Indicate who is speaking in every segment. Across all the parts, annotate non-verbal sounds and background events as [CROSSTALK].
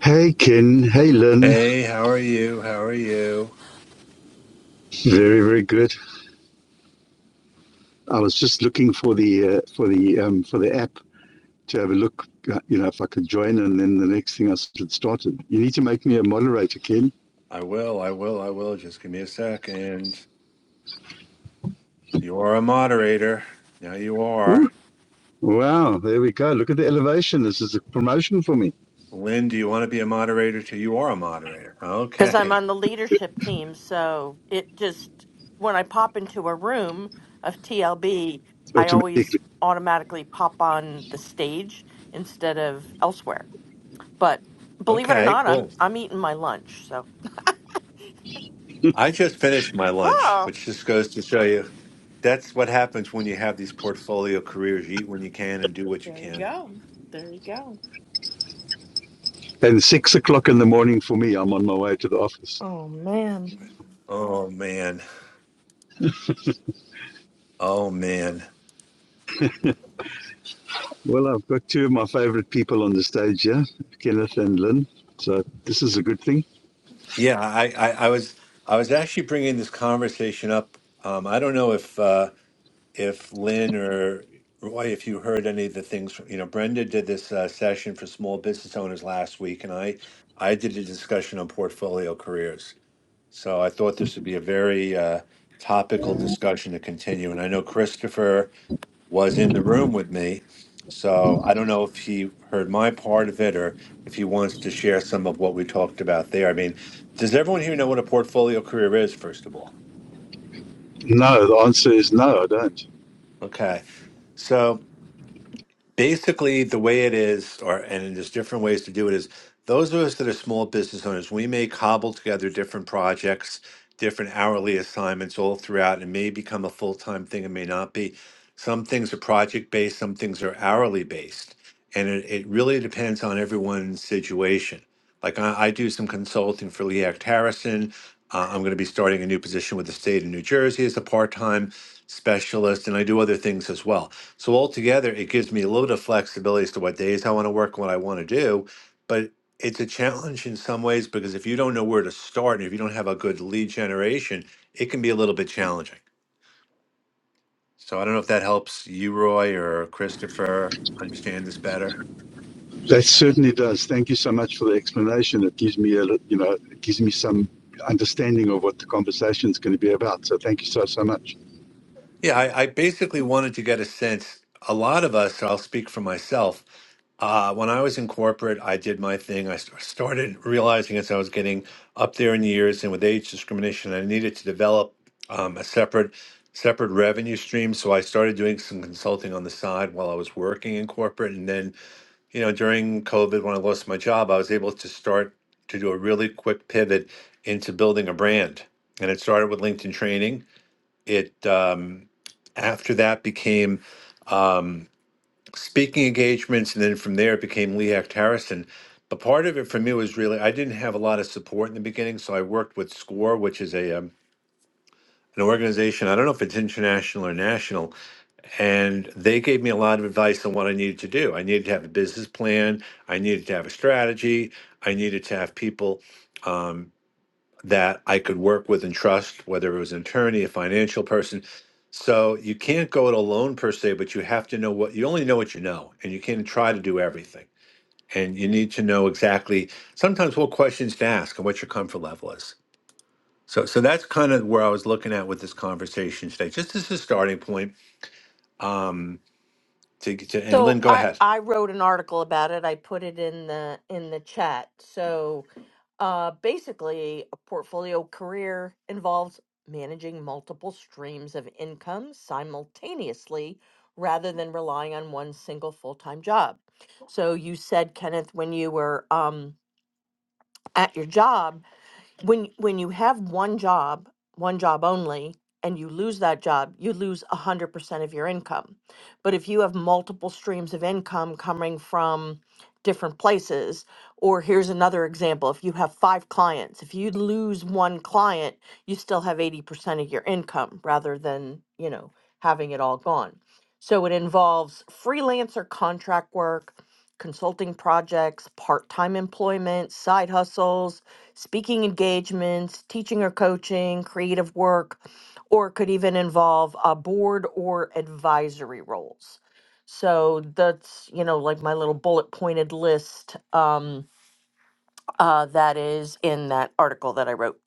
Speaker 1: Hey Ken, hey Lynn.
Speaker 2: Hey, how are you? How are you?
Speaker 1: Very, very good. I was just looking for the uh, for the um, for the app to have a look. uh, You know, if I could join, and then the next thing I s- it started. You need to make me a moderator, Ken.
Speaker 2: I will, I will, I will. Just give me a second. You are a moderator. Now you
Speaker 1: Woo.
Speaker 2: are.
Speaker 1: Wow, there we go. Look at the elevation. This is a promotion for me
Speaker 2: Lynn, do you want to be a moderator too? You are a moderator.
Speaker 3: because I'm
Speaker 2: Okay.
Speaker 3: on the leadership team. So it just, when I pop into a room of TLB, I
Speaker 1: automatically.
Speaker 3: always automatically pop on the stage instead of elsewhere. But believe it or
Speaker 2: Okay,
Speaker 3: not, I'm
Speaker 2: cool.
Speaker 3: I'm eating my lunch. So,
Speaker 2: I just finished my lunch,
Speaker 3: oh,
Speaker 2: which just goes to show you that's what happens when you have these portfolio careers. You eat when you can and do what you can.
Speaker 1: And six o'clock in the morning for me. I'm on my way to the office.
Speaker 3: Oh man.
Speaker 2: Oh man. Oh man.
Speaker 1: Well, I've got two of my favorite people on the stage here, Kenneth and Lynn. So this is a good thing.
Speaker 2: Yeah, I I, I was I was actually bringing this conversation up. Um, I don't know if uh if Lynn or Roy, if you heard any of the things, you know, Brenda did this uh, session for small business owners last week, and I I did a discussion on portfolio careers. So I thought this would be a very uh, topical discussion to continue. And I know Christopher was in the room with me, so I don't know if he heard my part of it or if he wants to share some of what we talked about there. I mean, does everyone here know what a portfolio career is? First of all,
Speaker 1: No, the answer is no, I don't.
Speaker 2: okay, so. basically the way it is or and there's different ways to do it is those of us that are small business owners we may cobble together different projects different hourly assignments all throughout and may become a full-time thing It may not be some things are project based some things are hourly based and it, it really depends on everyone's situation like i, I do some consulting for leac harrison uh, i'm going to be starting a new position with the state of new jersey as a part-time specialist and i do other things as well so altogether, it gives me a little bit of flexibility as to what days I want to work, what I want to do. But it's a challenge in some ways because if you don't know where to start and if you don't have a good lead generation, it can be a little bit challenging. So I don't know if that helps you, Roy, or Christopher understand this better.
Speaker 1: That certainly does. Thank you so much for the explanation. It gives me a, you know, it gives me some understanding of what the conversation is going to be about. So thank you so so much.
Speaker 2: Yeah, I, I basically wanted to get a sense. A lot of us, I'll speak for myself. Uh, when I was in corporate, I did my thing. I st- started realizing as I was getting up there in years and with age discrimination, I needed to develop um, a separate separate revenue stream. So I started doing some consulting on the side while I was working in corporate. And then, you know, during COVID, when I lost my job, I was able to start to do a really quick pivot into building a brand. And it started with LinkedIn training it um, after that became um, speaking engagements, and then from there it became Lee Act Harrison. But part of it for me was really I didn't have a lot of support in the beginning, so I worked with SCORE, which is a um, an organization. I don't know if it's international or national, and they gave me a lot of advice on what I needed to do. I needed to have a business plan. I needed to have a strategy. I needed to have people. that I could work with and trust, whether it was an attorney, a financial person. So you can't go it alone per se, but you have to know what you only know what you know, and you can't try to do everything. And you need to know exactly sometimes what questions to ask and what your comfort level is. So, so that's kind of where I was looking at with this conversation today, just as a starting point. To, to and
Speaker 3: So
Speaker 2: Lynn, go
Speaker 3: I
Speaker 2: ahead.
Speaker 3: I wrote an article about it. I put it in the in the chat. So uh basically a portfolio career involves managing multiple streams of income simultaneously rather than relying on one single full-time job. So you said Kenneth when you were um at your job when when you have one job one job only and you lose that job you lose 100% of your income but if you have multiple streams of income coming from different places or here's another example if you have five clients if you lose one client you still have 80% of your income rather than you know having it all gone so it involves freelancer, contract work consulting projects part-time employment side hustles speaking engagements, teaching or coaching, creative work, or could even involve uh, board or advisory roles. So that's, you know, like my little bullet pointed list um, uh, that is in that article that I wrote.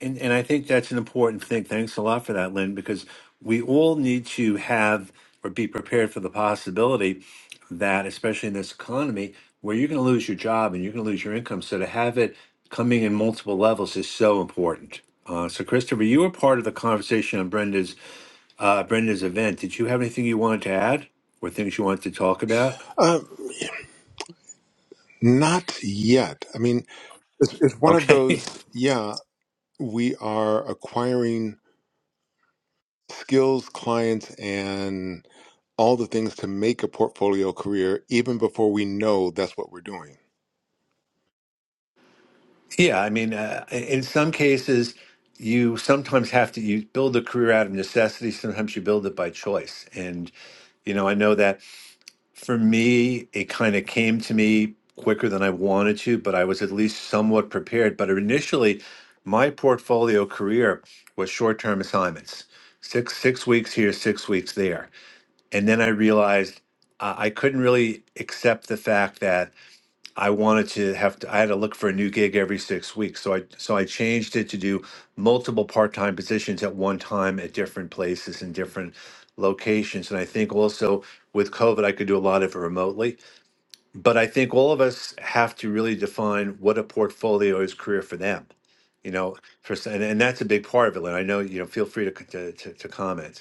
Speaker 2: And, and I think that's an important thing. Thanks a lot for that, Lynn, because we all need to have or be prepared for the possibility that, especially in this economy, where you're going to lose your job and you're going to lose your income. So to have it coming in multiple levels is so important. Uh, so, Christopher, you were part of the conversation on Brenda's uh, Brenda's event. Did you have anything you wanted to add or things you wanted to talk about?
Speaker 4: Uh, not yet. I mean, it's, it's one of
Speaker 2: Okay. [LAUGHS]
Speaker 4: those, yeah, we are acquiring skills, clients, and all the things to make a portfolio career even before we know that's what we're doing.
Speaker 2: Yeah, I mean, uh, in some cases, you sometimes have to you build a career out of necessity. Sometimes you build it by choice. And you know, I know that for me, it kind of came to me quicker than I wanted to, but I was at least somewhat prepared. But initially, my portfolio career was short-term assignments, six six weeks here, six weeks there, and then I realized uh, I couldn't really accept the fact that. I wanted to have to, I had to look for a new gig every six weeks. So I so I changed it to do multiple part-time positions at one time at different places and different locations. And I think also with COVID, I could do a lot of it remotely. But I think all of us have to really define what a portfolio is career for them. You know, for s- and, and that's a big part of it. And I know, you know, feel free to c- to, to, to comment.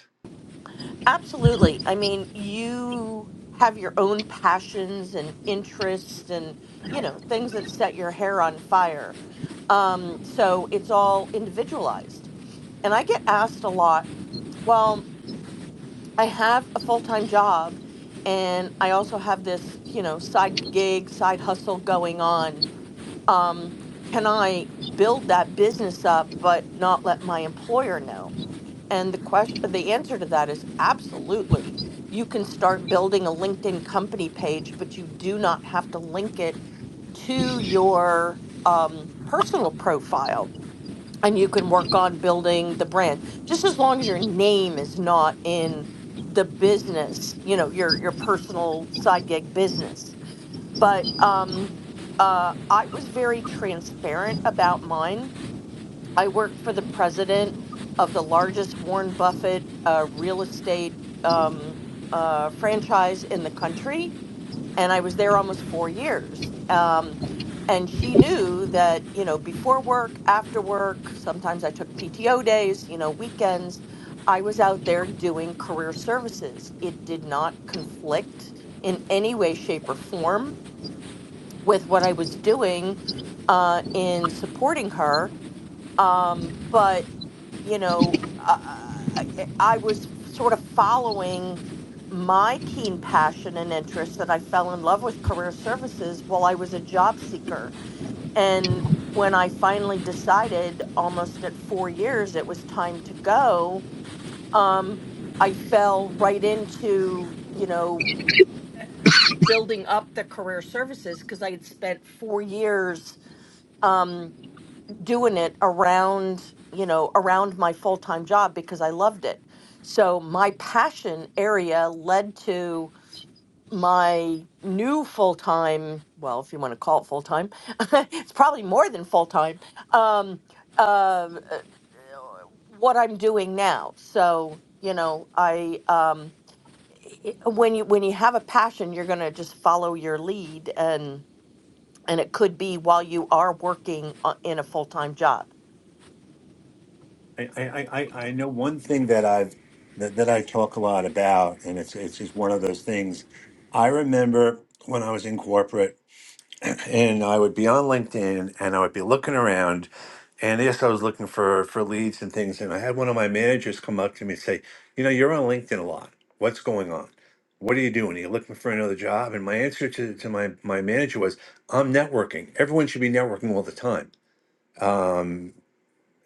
Speaker 3: Absolutely. I mean, you have your own passions and interests and, you know, things that set your hair on fire. Um, so it's all individualized. And I get asked a lot, well, I have a full time job and I also have this, you know, side gig, side hustle going on. Um, can I build that business up but not let my employer know? And the question the answer to that is absolutely. You can start building a LinkedIn company page, but you do not have to link it to your um, personal profile and you can work on building the brand just as long as your name is not in the business you know your your personal side gig business but um uh i was very transparent about mine i worked for the president of the largest warren buffett uh, real estate um, uh, franchise in the country and I was there almost four years. Um, and she knew that, you know, before work, after work, sometimes I took PTO days, you know, weekends, I was out there doing career services. It did not conflict in any way, shape, or form with what I was doing uh, in supporting her. Um, but you know, uh, I I was sort of following my keen passion and interest that I fell in love with career services while I was a job seeker. And when I finally decided, almost at four years, it was time to go, um, I fell right into, you know, building up the career services because I had spent four years. Um, doing it around you know around my full-time job because I loved it. So my passion area led to my new full-time, well, if you want to call it full-time, [LAUGHS] it's probably more than full-time. Um uh, uh, what I'm doing now. So, you know, I um i- when you when you have a passion, you're going to just follow your lead and and it could be while you are working o- in a full-time job.
Speaker 2: I, I, I I- know one thing that I've that, that I talk a lot about, and it's it's just one of those things. I remember when I was in corporate, and I would be on LinkedIn, and I would be looking around, and yes, I was looking for for leads and things, and I had one of my managers come up to me and say, "You know, you're on LinkedIn a lot. What's going on? What are you doing? Are you looking for another job?" And my answer to to my my manager was, "I'm networking. Everyone should be networking all the time." Um,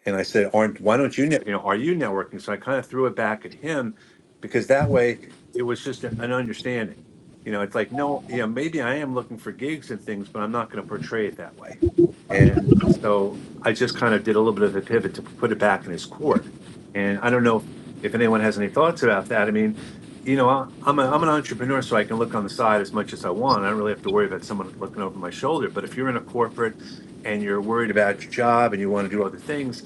Speaker 2: and I said, "Aren't why don't you net- you know are you networking?" So I kind of threw it back at him because that way it was just a- an understanding. You know, it's like no, yeah, maybe I am looking for gigs and things, but I'm not going to portray it that way. And so I just kind of did a little bit of a pivot to put it back in his court. And I don't know if, if anyone has any thoughts about that. I mean, you know, I, I'm a, I'm an entrepreneur, so I can look on the side as much as I want. I don't really have to worry about someone looking over my shoulder. But if you're in a corporate and you're worried about your job and you want to do other things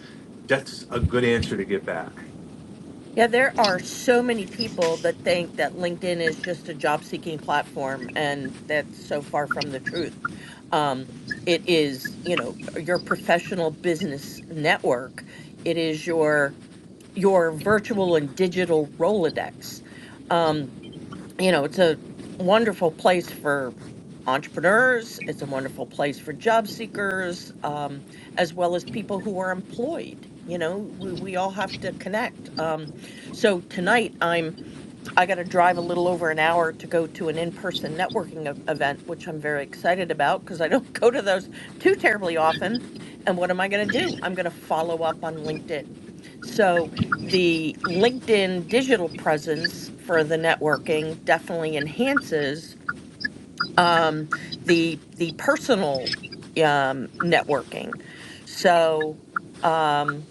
Speaker 2: that's a good answer to get back.
Speaker 3: Yeah, there are so many people that think that LinkedIn is just a job seeking platform, and that's so far from the truth. Um, it is, you know, your professional business network. It is your your virtual and digital Rolodex. Um, you know, it's a wonderful place for entrepreneurs. It's a wonderful place for job seekers, um, as well as people who are employed. You know, we, we all have to connect. Um, so tonight, I'm I got to drive a little over an hour to go to an in-person networking e- event, which I'm very excited about because I don't [LAUGHS] go to those too terribly often. And what am I going to do? I'm going to follow up on LinkedIn. So the LinkedIn digital presence for the networking definitely enhances um, the the personal um, networking. So um,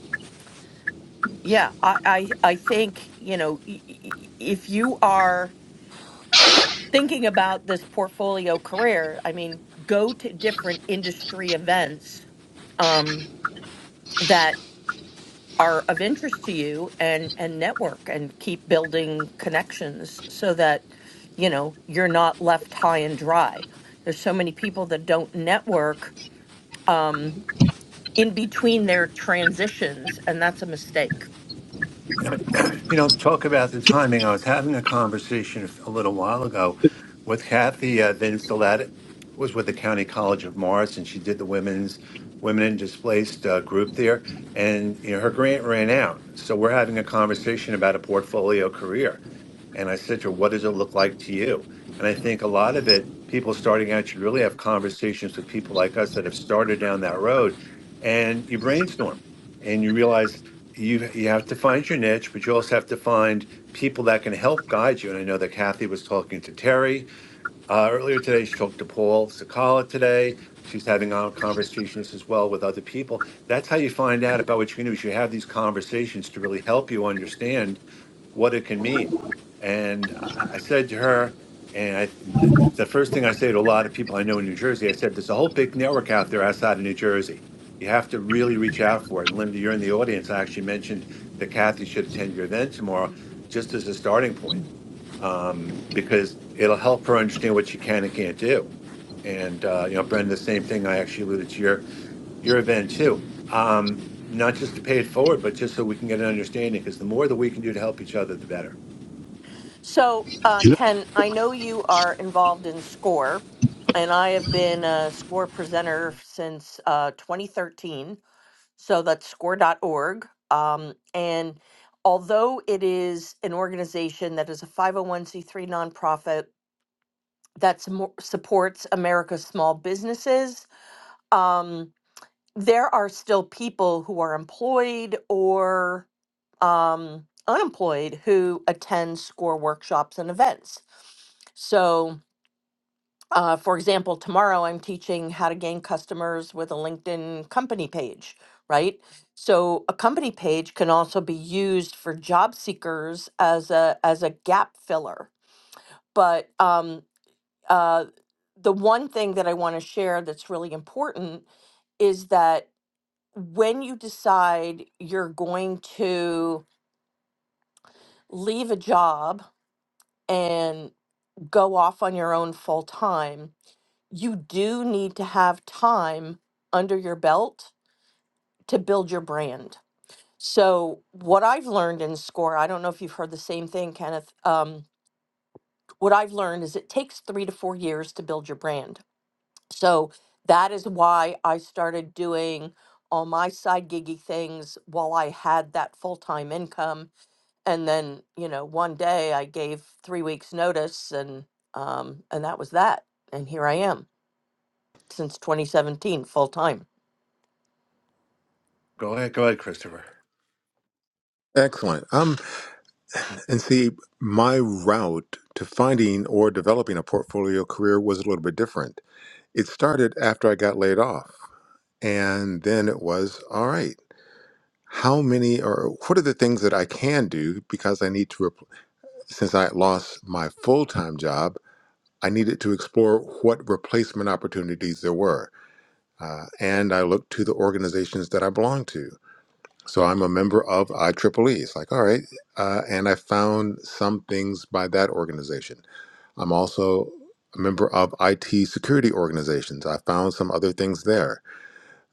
Speaker 3: yeah, I, I I think you know i- i- i- if you are thinking about this portfolio career, I mean, go to different industry events um, that are of interest to you and and network and keep building connections so that you know you're not left high and dry. There's so many people that don't network um, in between their transitions, and that's a mistake.
Speaker 2: You know, [CLEARS THROAT] you know, talk about the timing. I was having a conversation a little while ago with Kathy uh, Vincelat, was with the County College of Morris, and she did the women's women in displaced uh, group there, and you know, her grant ran out. So we're having a conversation about a portfolio career, and I said to her, "What does it look like to you?" And I think a lot of it, people starting out should really have conversations with people like us that have started down that road, and you brainstorm and you realize you you have to find your niche, but you also have to find people that can help guide you. And I know that Kathy was talking to Terry, uh, earlier today, she talked to Paul Sakala today. She's having our conversations as well with other people. That's how you find out about what you can do. Is you have these conversations to really help you understand what it can mean. And I, I I said to her, and I, th- th- the first thing I say to a lot of people I know in New Jersey, I said, "There's a whole big network out there outside of New Jersey. You have to really reach out for it." And Linda, you're in the audience. I actually mentioned that Kathy should attend your event tomorrow, just as a starting point um, because it'll help her understand what she can and can't do. And uh, you know, Brendan, the same thing. I actually alluded to your your event too. Um, not just to pay it forward, but just so we can get an understanding. Because the more that we can do to help each other, the better.
Speaker 3: So, uh,
Speaker 1: You know,
Speaker 3: Ken, I know you are involved in SCORE, and I have been a SCORE presenter since uh, 2013. So that's score score.org. Um, and although it is an organization that is a 501c3 nonprofit that smo- supports America's small businesses, um, there are still people who are employed or um, unemployed who attend SCORE workshops and events. So, uh, for example, tomorrow I'm teaching how to gain customers with a LinkedIn company page, right? So, a company page can also be used for job seekers as a as a gap filler. But um, uh, the one thing that I want to share that's really important is that when you decide you're going to leave a job and go off on your own full time, you do need to have time under your belt to build your brand. So, what I've learned in SCORE, I don't know if you've heard the same thing, Kenneth. Um, what I've learned is it takes three to four years to build your brand. So, that is why I started doing all my side giggy things while I had that full time income and then you know one day i gave three weeks notice and um and that was that and here i am since 2017 full time
Speaker 2: Go ahead, go ahead, Christopher.
Speaker 4: Excellent. Um, and see, my route to finding or developing a portfolio career was a little bit different. It started after I got laid off, and then it was all right. How many or what are the things that I can do because I need to Since I had lost my full time job, I needed to explore what replacement opportunities there were. Uh, and I looked to the organizations that I belonged to. So I'm a member of IEEE. It's like, all right. Uh, and I found some things by that organization. I'm also a member of IT security organizations. I found some other things there.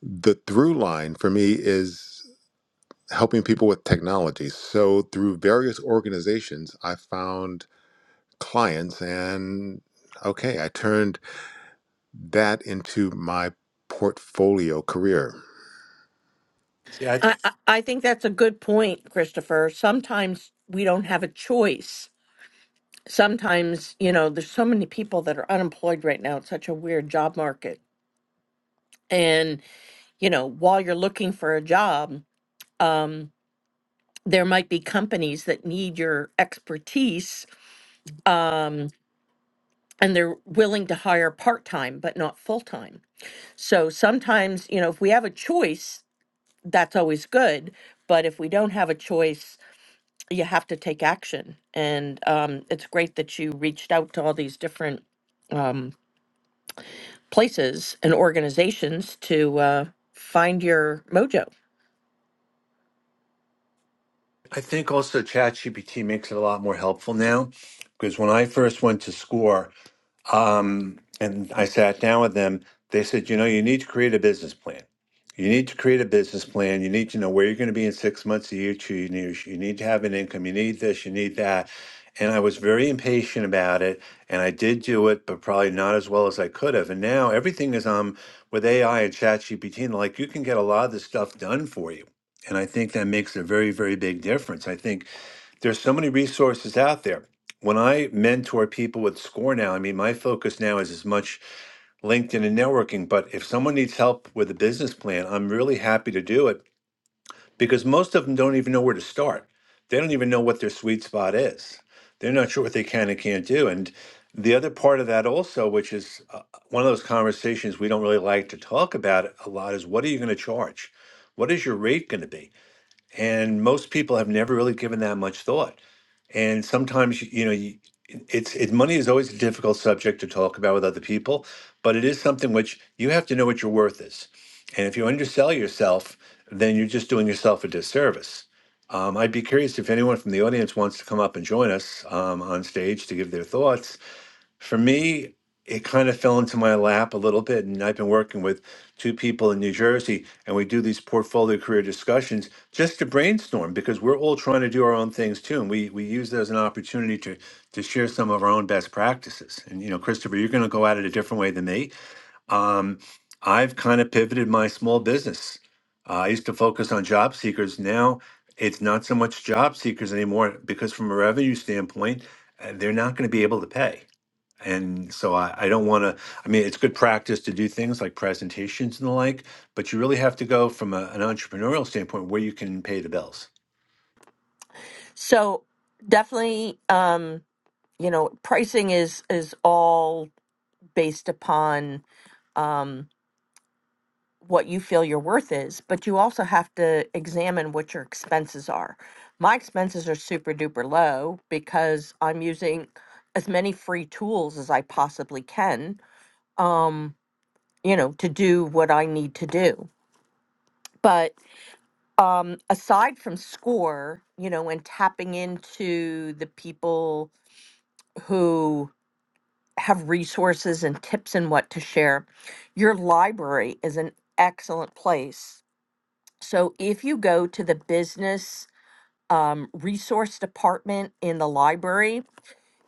Speaker 4: The through line for me is helping people with technology. So through various organizations, I found clients and okay i turned that into my portfolio career
Speaker 2: See, I
Speaker 3: I, I I think that's a good point, Christopher. Sometimes we don't have a choice. Sometimes, you know, there's so many people that are unemployed right now. It's such a weird job market. And, you know, while you're looking for a job, um, there might be companies that need your expertise. Um, and they're willing to hire part time, but not full time. So sometimes, you know, if we have a choice, that's always good. But if we don't have a choice, you have to take action. And um, it's great that you reached out to all these different um, places and organizations to uh, find your mojo.
Speaker 2: I think also ChatGPT makes it a lot more helpful now. Because when I first went to SCORE, Um, and I sat down with them. They said, you know, you need to create a business plan. You need to create a business plan. You need to know where you're going to be in six months, a year, two years. You need to have an income. You need this. You need that. And I was very impatient about it. And I did do it, but probably not as well as I could have. And now everything is um with AI and ChatGPT, and like you can get a lot of this stuff done for you. And I think that makes a very, very big difference. I think there's so many resources out there. When I mentor people with SCORE now, I mean, my focus now is as much LinkedIn and networking, but if someone needs help with a business plan, I'm really happy to do it because most of them don't even know where to start. They don't even know what their sweet spot is. They're not sure what they can and can't do. And the other part of that also, which is uh, one of those conversations we don't really like to talk about a lot, is what are you going to charge? What is your rate going to be? And most people have never really given that much thought and sometimes you know you, it's it, money is always a difficult subject to talk about with other people but it is something which you have to know what your worth is and if you undersell yourself then you're just doing yourself a disservice um, i'd be curious if anyone from the audience wants to come up and join us um, on stage to give their thoughts for me, it kind of fell into my lap a little bit, and I've been working with two people in New Jersey, and we do these portfolio career discussions just to brainstorm because we're all trying to do our own things too, and we we use it as an opportunity to to share some of our own best practices. And you know, Christopher, you're going to go at it a different way than me. Um, I've kind of pivoted my small business. Uh, I used to focus on job seekers. Now it's not so much job seekers anymore because, from a revenue standpoint, uh, they're not going to be able to pay. And so I, I don't want to, I mean, it's good practice to do things like presentations and the like, but you really have to go from a, an entrepreneurial standpoint where you can pay the bills.
Speaker 3: So definitely, um, you know, pricing is is all based upon. Um, what you feel your worth is, but you also have to examine what your expenses are. My expenses are super duper low because I'm using as many free tools as I possibly can, um, you know, to do what I need to do. But um, aside from SCORE, you know, and tapping into the people who have resources and tips and what to share, your library is an excellent place So if you go to the business um, resource department in the library,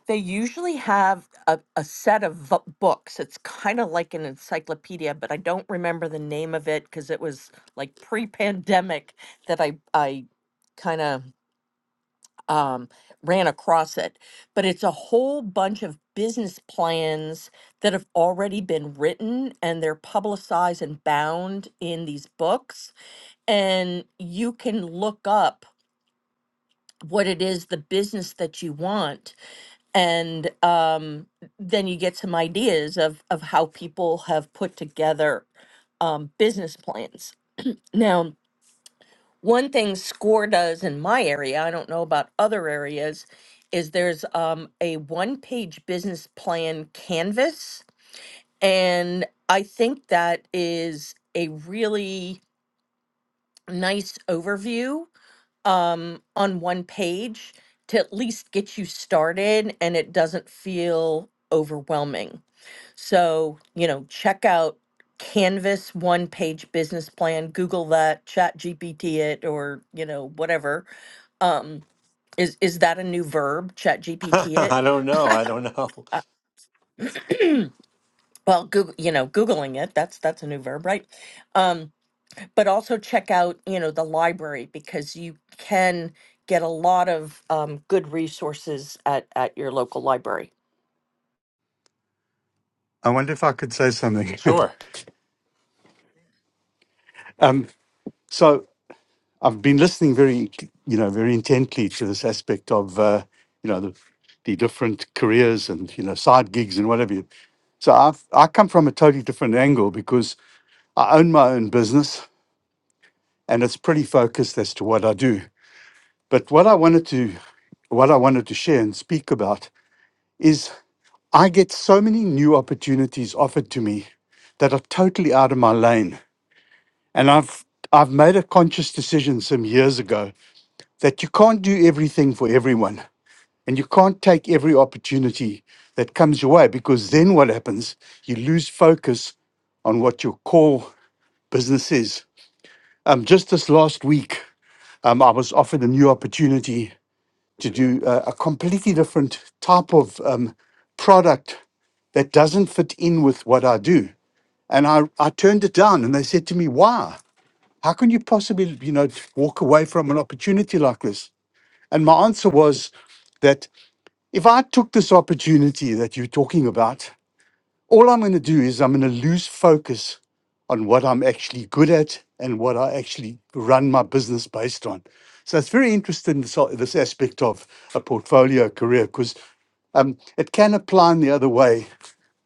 Speaker 3: they usually have a, a set of v- books. It's kind of like an encyclopedia, but I don't remember the name of it because it was like pre-pandemic that I I kind of um, ran across it. But it's a whole bunch of business plans that have already been written and they're publicized and bound in these books and you can look up what it is the business that you want and um, then you get some ideas of of how people have put together um, business plans now one thing score does in my area i don't know about other areas is there's um, a one page business plan canvas and i think that is a really nice overview um, on one page to at least get you started and it doesn't feel overwhelming. So, you know, check out Canvas one page business plan, Google that, chat GPT it, or, you know, whatever. Um, is, is that a new verb? Chat
Speaker 2: [LAUGHS]
Speaker 3: GPT
Speaker 2: I
Speaker 3: it?
Speaker 2: don't know. I don't know.
Speaker 3: Uh, well, Google, you know, Googling it, that's, that's a new verb, right? Um. but also check out you know the library because you can get a lot of um, good resources at at your local library
Speaker 1: I wonder if I could say something. [LAUGHS]
Speaker 2: Sure.
Speaker 1: um, so I've been listening very, you know, very intently to this aspect of, uh, you know, the, the different careers and you know side gigs and whatever. you- So I've I come from a totally different angle because I own my own business and it's pretty focused as to what I do. But what I wanted to what I wanted to share and speak about is I get so many new opportunities offered to me that are totally out of my lane. And I've I've made a conscious decision some years ago that you can't do everything for everyone and you can't take every opportunity that comes your way because then what happens? You lose focus on what your core business is. Um, just this last week, um, I was offered a new opportunity to do a, a completely different type of um, product that doesn't fit in with what I do. And I, I turned it down and they said to me, why? How can you possibly, you know, walk away from an opportunity like this? And my answer was that if I took this opportunity that you're talking about all I'm going to do is I'm going to lose focus on what I'm actually good at and what I actually run my business based on. So it's very interesting this, this aspect of a portfolio career because um, it can apply in the other way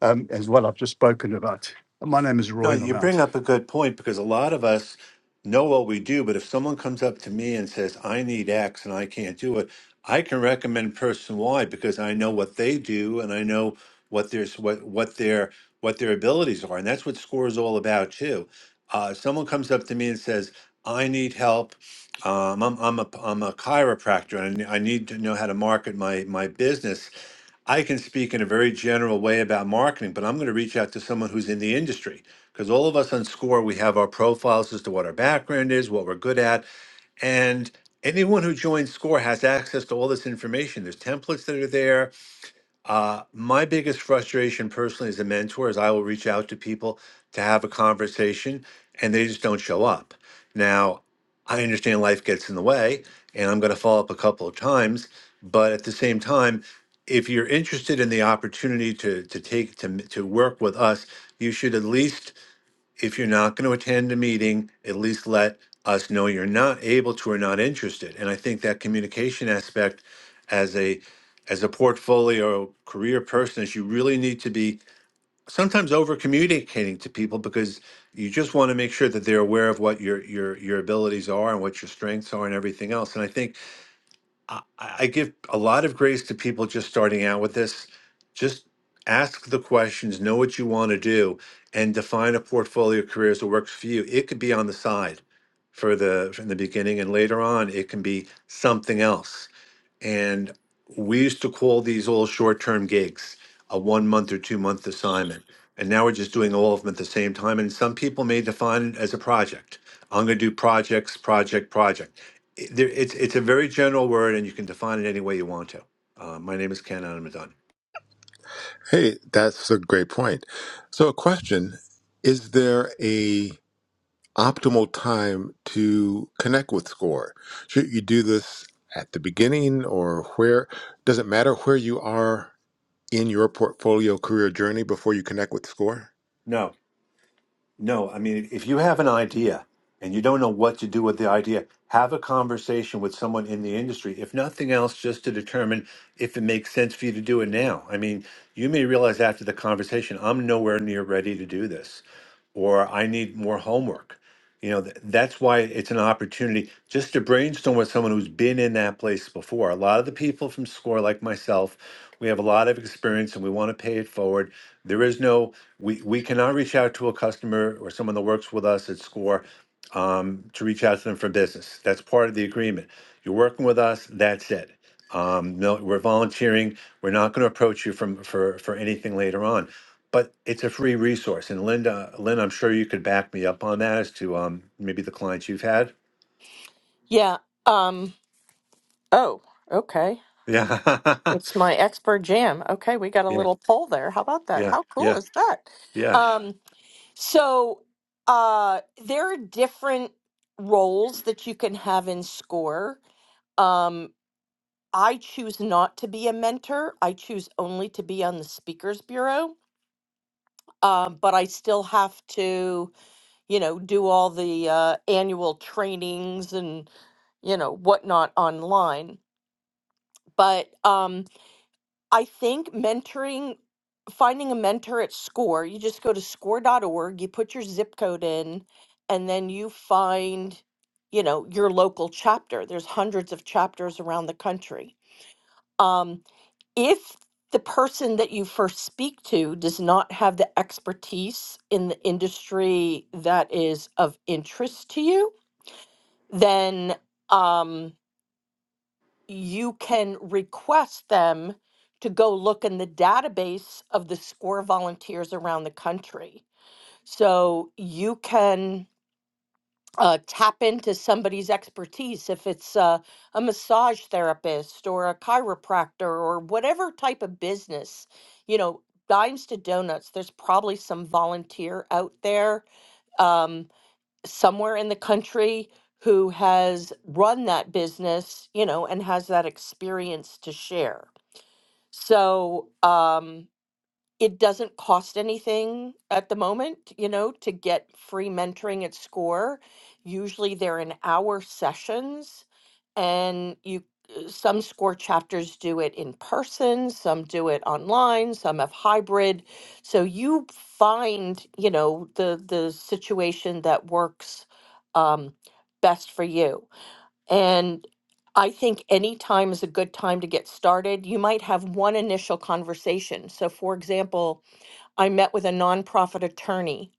Speaker 1: um, as well. I've just spoken about. My name is Roy,
Speaker 2: No,
Speaker 1: and
Speaker 2: you
Speaker 1: I'm out.
Speaker 2: bring up a good point because a lot of us know what we do, but if someone comes up to me and says, I need X and I can't do it, I can recommend person Y because I know what they do and I know what their what what their what their abilities are. And that's what SCORE is all about too. Uh, someone comes up to me and says, I need help. Um, I'm, I'm, a, I'm a chiropractor and I need to know how to market my, my business. I can speak in a very general way about marketing, but I'm going to reach out to someone who's in the industry because all of us on SCORE, we have our profiles as to what our background is, what we're good at. And anyone who joins SCORE has access to all this information. There's templates that are there, uh, my biggest frustration personally as a mentor is I will reach out to people to have a conversation and they just don't show up. Now, I understand life gets in the way and I'm going to follow up a couple of times, but at the same time, if you're interested in the opportunity to to take to to work with us, you should at least if you're not going to attend a meeting, at least let us know you're not able to or not interested. And I think that communication aspect as a as a portfolio career person is you really need to be sometimes over communicating to people because you just want to make sure that they're aware of what your your your abilities are and what your strengths are and everything else. And I think I, I give a lot of grace to people just starting out with this. Just ask the questions, know what you want to do, and define a portfolio of careers that works for you. It could be on the side for the in the beginning, and later on, it can be something else and we used to call these all short-term gigs a one month or two month assignment and now we're just doing all of them at the same time and some people may define it as a project i'm going to do projects project project It- there- it's, it's a very general word and you can define it any way you want to uh, my name is ken and i'm done
Speaker 4: hey that's a great point so a question is there a optimal time to connect with score should you do this at the beginning or where does it matter where you are in your portfolio career journey before you connect with score
Speaker 2: no No, I mean, if you have an idea and you don't know what to do with the idea, have a conversation with someone in the industry, if nothing else, just to determine if it makes sense for you to do it now. I mean, you may realize after the conversation, I'm nowhere near ready to do this, or I need more homework. You know, th- that's why it's an opportunity just to brainstorm with someone who's been in that place before. A lot of the people from SCORE, like myself, we have a lot of experience and we want to pay it forward. There is no we we cannot reach out to a customer or someone that works with us at score um, to reach out to them for business that's part of the agreement you're working with us that's it um, no we're volunteering we're not going to approach you from for for anything later on but it's a free resource and linda lynn i'm sure you could back me up on that as to um, maybe the clients you've had
Speaker 3: yeah um oh okay
Speaker 2: yeah [LAUGHS]
Speaker 3: it's my expert jam okay we got a
Speaker 2: yeah
Speaker 3: little poll there how about that
Speaker 2: yeah
Speaker 3: how cool
Speaker 2: yeah
Speaker 3: is that
Speaker 2: yeah
Speaker 3: um so uh there are different roles that you can have in score um i choose not to be a mentor i choose only to be on the speakers bureau um, but I still have to, you know, do all the uh, annual trainings and you know whatnot online. But um, I think mentoring, finding a mentor at SCORE, you just go to score.org, you put your zip code in, and then you find, you know, your local chapter. There's hundreds of chapters around the country. Um, if the person that you first speak to does not have the expertise in the industry that is of interest to you, then um, you can request them to go look in the database of the SCORE volunteers around the country. So you can uh, tap into somebody's expertise if it's uh, a massage therapist or a chiropractor or whatever type of business you know dimes to donuts there's probably some volunteer out there um, somewhere in the country who has run that business you know and has that experience to share so um, it doesn't cost anything at the moment, you know, to get free mentoring at SCORE. Usually they're in hour sessions and you uh, some SCORE chapters do it in person, some do it online, some have hybrid. So you find, you know, the the situation that works um, best for you. And I think any time is a good time to get started. You might have one initial conversation. So, for example, I met with a nonprofit attorney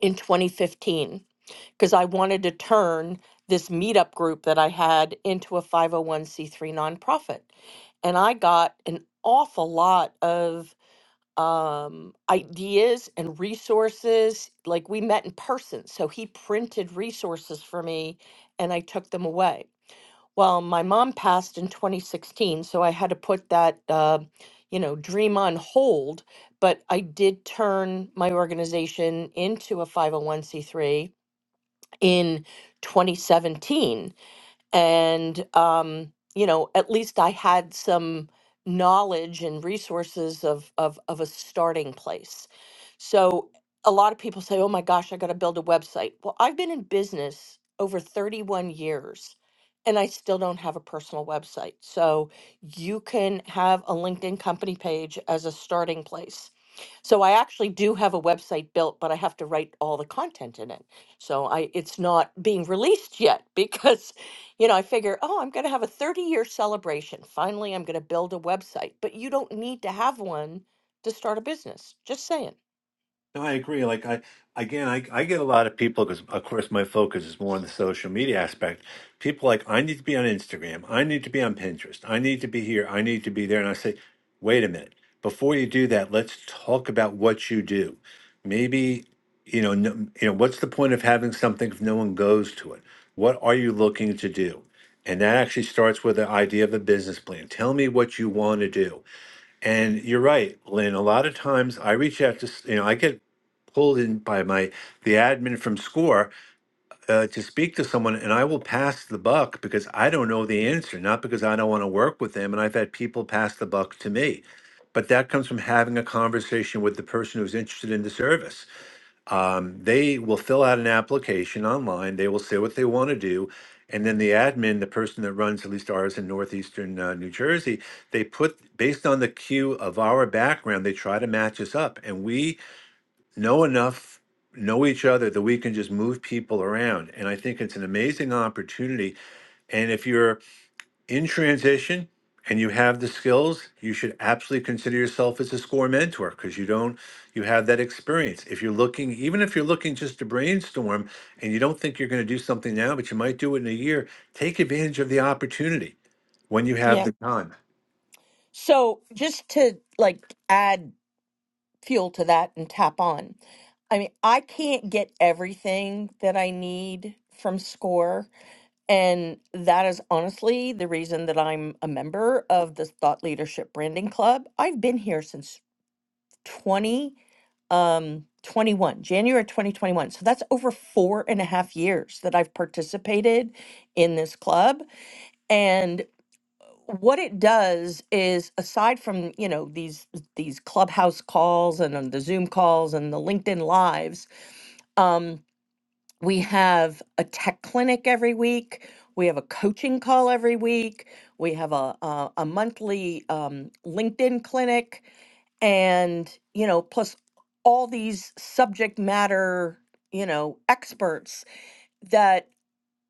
Speaker 3: in 2015 because I wanted to turn this meetup group that I had into a 501c3 nonprofit. And I got an awful lot of um, ideas and resources. Like we met in person. So he printed resources for me and I took them away. Well, my mom passed in 2016, so I had to put that, uh, you know, dream on hold. But I did turn my organization into a 501c3 in 2017 and um, you know at least i had some knowledge and resources of of of a starting place so a lot of people say oh my gosh i got to build a website well i've been in business over 31 years and i still don't have a personal website so you can have a linkedin company page as a starting place so I actually do have a website built, but I have to write all the content in it. So I it's not being released yet [LAUGHS] because you know, I figure, oh, I'm going to have a 30 year celebration. Finally, I'm going to build a website, but you don't need to have one to start a business. Just saying.
Speaker 2: No, I agree. Like I again, I I get a lot of people because of course my focus is more on the social media aspect. People like I need to be on Instagram, I need to be on Pinterest, I need to be here, I need to be there, and I say, wait a minute. Before you do that, let's talk about what you do. Maybe you know, no, you know, what's the point of having something if no one goes to it? What are you looking to do? And that actually starts with the idea of a business plan. Tell me what you want to do and you're right, Lynn. A lot of times I reach out to, s- you know, I get pulled in by my the admin from SCORE uh, to speak to someone, and I will pass the buck because I don't know the answer, not because I don't want to work with them. And I've had people pass the buck to me, but that comes from having a conversation with the person who's interested in the service um, they will fill out an application online. They will say what they want to do. And then the admin, the person that runs at least ours in Northeastern uh, New Jersey, they put, based on the queue of our background, they try to match us up. And we know enough, know each other that we can just move people around. And I think it's an amazing opportunity. And if you're in transition and you have the skills, you should absolutely consider yourself as a score mentor because you don't you have that experience. If you're looking, even if you're looking just to brainstorm and you don't think you're going to do something now, but you might do it in a year, take advantage of the opportunity when you have
Speaker 3: Yeah.
Speaker 2: the time.
Speaker 3: So, just to like add fuel to that and tap on, I mean, I can't get everything that I need from SCORE. And that is honestly the reason that I'm a member of the Thought Leadership Branding Club. I've been here since 20 um 21 january 2021 so that's over four and a half years that i've participated in this club and what it does is aside from you know these these clubhouse calls and then the zoom calls and the linkedin lives um. We have a tech clinic every week. We have a coaching call every week. We have a a, a monthly um, LinkedIn clinic, and you know, plus all these subject matter you know experts that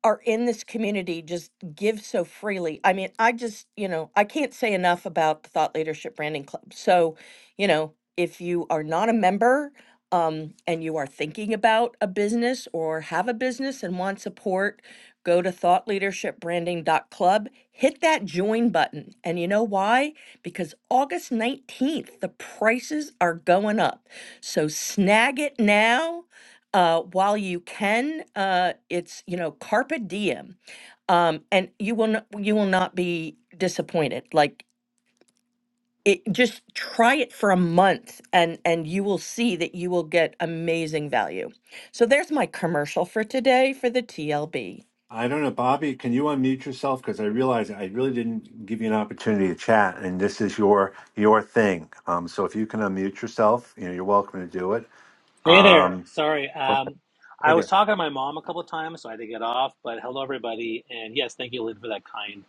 Speaker 3: are in this community just give so freely. I mean, I just, you know, I can't say enough about the Thought Leadership Branding Club. So, you know, if you are not a member um, and you are thinking about a business or have a business and want support, go to thought leadership branding dot Club. hit that join button. And you know why? Because August 19th, the prices are going up. So snag it now uh, while you can, uh, it's you know carpe diem, um, and you will not, you will not be disappointed. Like it, just try it for a month, and and you will see that you will get amazing value. So there's my commercial for today for the TLB.
Speaker 2: I don't know, Bobby, can you unmute yourself? Because I realize I really didn't give you an opportunity to chat, and this is your your thing. Um, so if you can unmute yourself, you know, you're welcome to do it.
Speaker 5: Hey there.
Speaker 2: Um,
Speaker 5: Sorry.
Speaker 2: okay,
Speaker 5: Um,
Speaker 2: Hey
Speaker 5: I was
Speaker 2: there.
Speaker 5: talking to my mom a couple of times, so I had to get off. But hello, everybody. And yes, thank you, Lynn, for that kind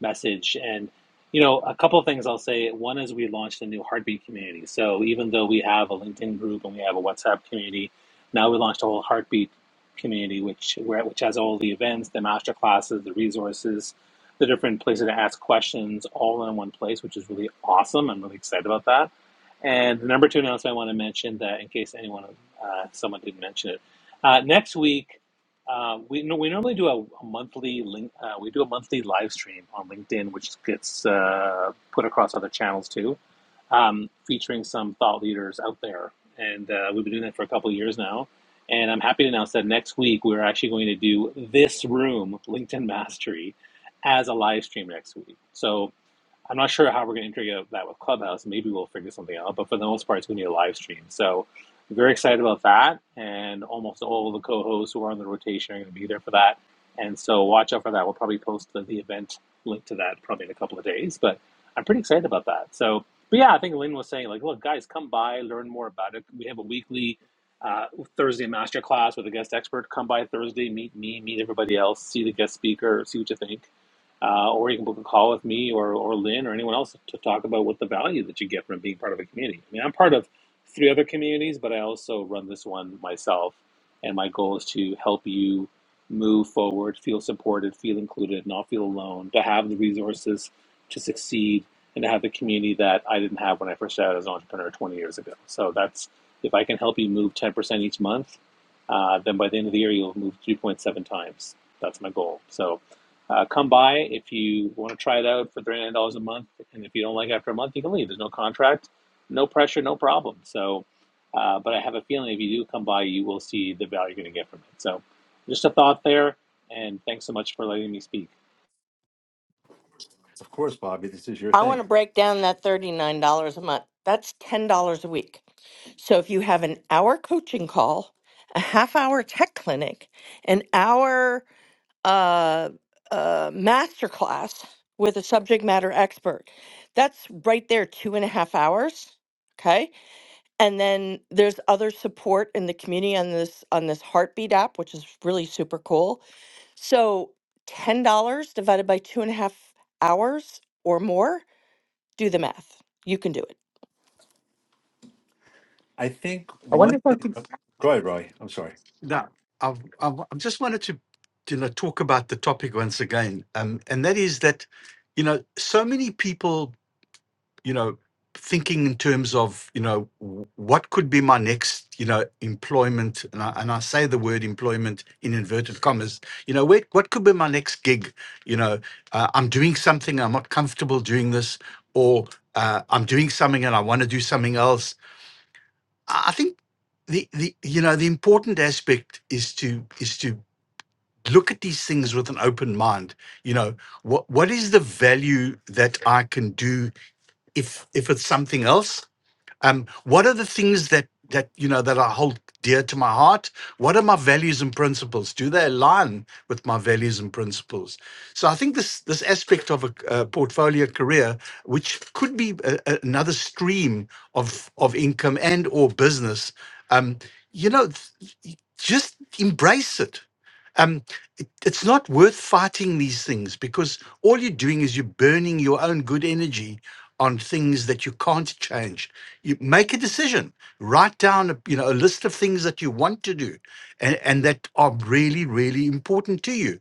Speaker 5: message. And, you know, a couple of things I'll say. One is we launched a new Heartbeat community. So even though we have a LinkedIn group and we have a WhatsApp community, now we launched a whole Heartbeat community, which, where, which has all the events, the master classes, the resources, the different places to ask questions all in one place, which is really awesome. I'm really excited about that. And the number two announcement I want to mention that in case anyone uh, someone did mention it. Uh, next week, uh, we no, we normally do a, a monthly link. Uh, we do a monthly live stream on LinkedIn, which gets uh, put across other channels too, um, featuring some thought leaders out there. And uh, we've been doing that for a couple of years now. And I'm happy to announce that next week we're actually going to do this room, LinkedIn Mastery, as a live stream next week. So I'm not sure how we're going to integrate that with Clubhouse. Maybe we'll figure something out. But for the most part, it's going to be a live stream. So I'm very excited about that. And almost all of the co-hosts who are on the rotation are going to be there for that. And so watch out for that. We'll probably post the, the event link to that probably in a couple of days. But I'm pretty excited about that. So, but yeah, I think Lynn was saying like, look, guys, come by, learn more about it. We have a weekly uh, Thursday masterclass with a guest expert. Come by Thursday, meet me, meet everybody else, see the guest speaker, see what you think uh, or you can book a call with me or, or Lynn or anyone else to talk about what the value that you get from being part of a community. I mean, I'm part of three other communities, but I also run this one myself. And my goal is to help you move forward, feel supported, feel included, not feel alone, to have the resources to succeed, and to have the community that I didn't have when I first started as an entrepreneur 20 years ago. So that's if I can help you move 10% each month, uh, then by the end of the year, you'll move 3.7 times. That's my goal. So uh, come by if you want to try it out for $39 a month. And if you don't like it after a month, you can leave. There's no contract, no pressure, no problem. So, uh, but I have a feeling if you do come by, you will see the value you're going to get from it. So, just a thought there. And thanks so much for letting me speak.
Speaker 2: Of course, Bobby, this is your
Speaker 3: I want
Speaker 2: thing.
Speaker 3: to break down that thirty nine dollars a month. That's ten dollars a week. So if you have an hour coaching call, a half hour tech clinic, an hour. uh, uh, masterclass with a subject matter expert. That's right there, two and a half hours. Okay, and then there's other support in the community on this on this Heartbeat app, which is really super cool. So ten dollars divided by two and a half hours or more, do the math. You can do it.
Speaker 2: I think
Speaker 1: I want
Speaker 2: one thing. oh, Go ahead, Roy. I'm sorry.
Speaker 1: Now, I've, I've, i just wanted to, you know, talk about the topic once again, um, and that is that, you know, so many people. you know thinking in terms of you know w- what could be my next you know employment and I, and I say the word employment in inverted commas you know what what could be my next gig you know uh, I'm doing something I'm not comfortable doing this or uh, I'm doing something and I want to do something else I I think the the you know the important aspect is to is to look at these things with an open mind you know what what is the value that I can do if if it's something else um, what are the things that that you know that I hold dear to my heart? What are my values and principles? Do they align with my values and principles? So I think this this aspect of a, uh portfolio career, which could be a, a- another stream of of income and or business, um, you know, th- just embrace it. Um, it- it's not worth fighting these things because all you're doing is you're burning your own good energy on things that you can't change you make a decision write down a, you know a list of things that you want to do and, and that are really really important to you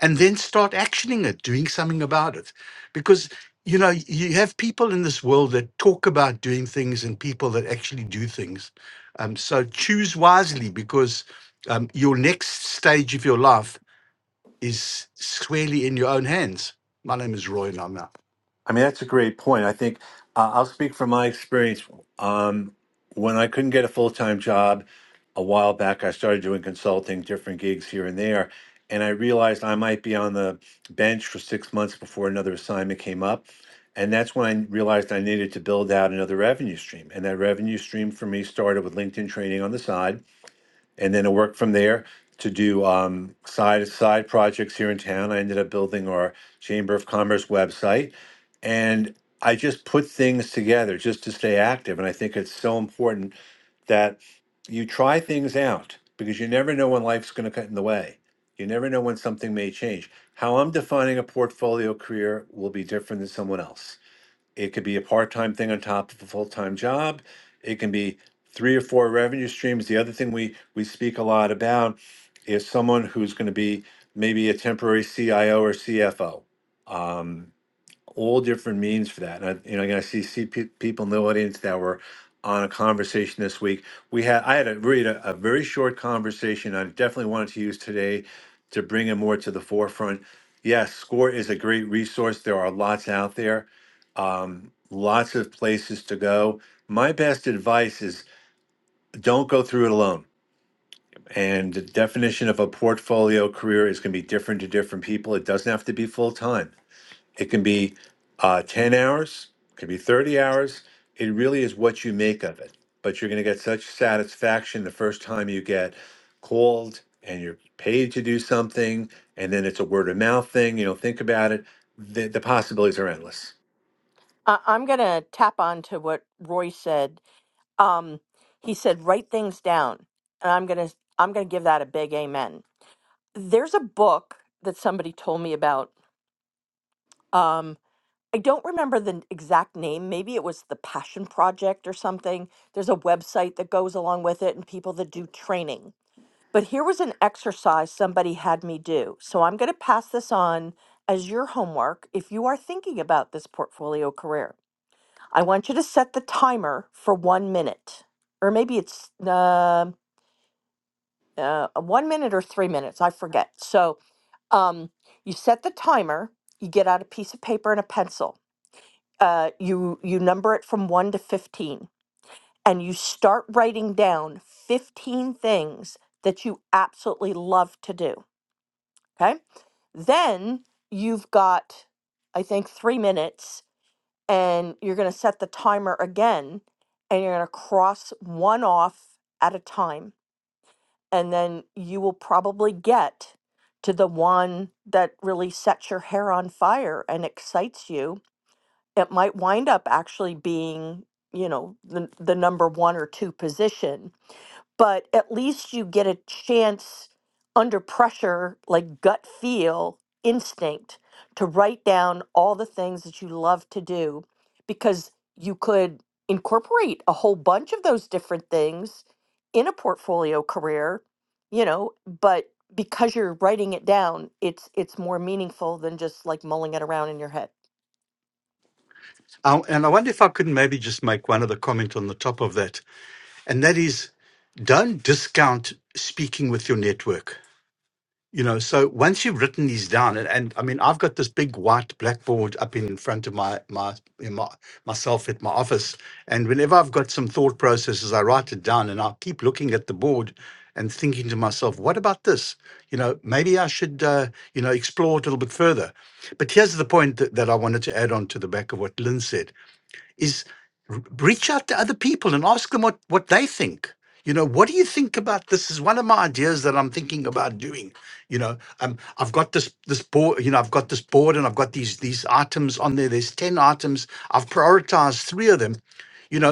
Speaker 1: and then start actioning it doing something about it because you know you have people in this world that talk about doing things and people that actually do things um, so choose wisely because um, your next stage of your life is squarely in your own hands my name is roy and i'm out
Speaker 2: I mean, that's a great point. I think uh, I'll speak from my experience. Um, when I couldn't get a full time job a while back, I started doing consulting, different gigs here and there, and I realized I might be on the bench for six months before another assignment came up. And that's when I realized I needed to build out another revenue stream. And that revenue stream for me started with LinkedIn training on the side and then I worked from there to do um, side side projects here in town. I ended up building our Chamber of Commerce website, and I just put things together just to stay active. And I think it's so important that you try things out because you never know when life's going to cut in the way. You never know when something may change. How I'm defining a portfolio career will be different than someone else. It could be a part time thing on top of a full time job. It can be three or four revenue streams. The other thing we, we speak a lot about is someone who's going to be maybe a temporary CIO or CFO. Um, all different means for that. And I, you know, again, I see, see pe- people in the audience that were on a conversation this week. We had I had a really a, a very short conversation. I definitely wanted to use today to bring it more to the forefront. Yes, SCORE is a great resource. There are lots out there, um, lots of places to go. My best advice is don't go through it alone. And the definition of a portfolio career is going to be different to different people. It doesn't have to be full time it can be uh, 10 hours, could be 30 hours. It really is what you make of it. But you're going to get such satisfaction the first time you get called and you're paid to do something, and then it's a word of mouth thing. You know, think about it. The, the possibilities are endless.
Speaker 3: I- I'm gonna tap on to what Roy said. Um, he said write things down, and I'm gonna I'm gonna give that a big amen there's a book that somebody told me about. Um, I don't remember the exact name. Maybe it was the Passion Project or something. There's a website that goes along with it and people that do training. But here was an exercise somebody had me do. So I'm going to pass this on as your homework if you are thinking about this portfolio career. I want you to set the timer for one minute, or maybe it's uh, uh, one minute or three minutes. I forget. So Um, you set the timer. You get out a piece of paper and a pencil. Uh, you you number it from one to fifteen, and you start writing down fifteen things that you absolutely love to do. Okay. Then you've got, I think, three minutes, and you're going to set the timer again, and you're going to cross one off at a time and then you will probably get to the one that really sets your hair on fire and excites you. It might wind up actually being, you know, the, the number one or two position but at least you get a chance under pressure, like gut feel, instinct, to write down all the things that you love to do because you could incorporate a whole bunch of those different things in a portfolio career, you know, but because you're writing it down, it's it's more meaningful than just like mulling it around in your head.
Speaker 1: I- and i wonder if i could maybe just make one other comment on the top of that and that is don't discount speaking with your network. You know, so once you've written these down, and, and I mean, I've got this big white blackboard up in front of my my, in my myself at my office, and whenever I've got some thought processes, I write it down, and I keep looking at the board and thinking to myself, what about this? You know, maybe I should uh, you know explore it a little bit further. But here's the point that, that I wanted to add on to the back of what Lynn said is r- reach out to other people and ask them what, what they think. You know, what do you think about this? Is one of my ideas that I'm thinking about doing. You know, um, I've got this this board. You know, I've got this board, and I've got these these items on there. There's ten items. I've prioritized three of them. You know,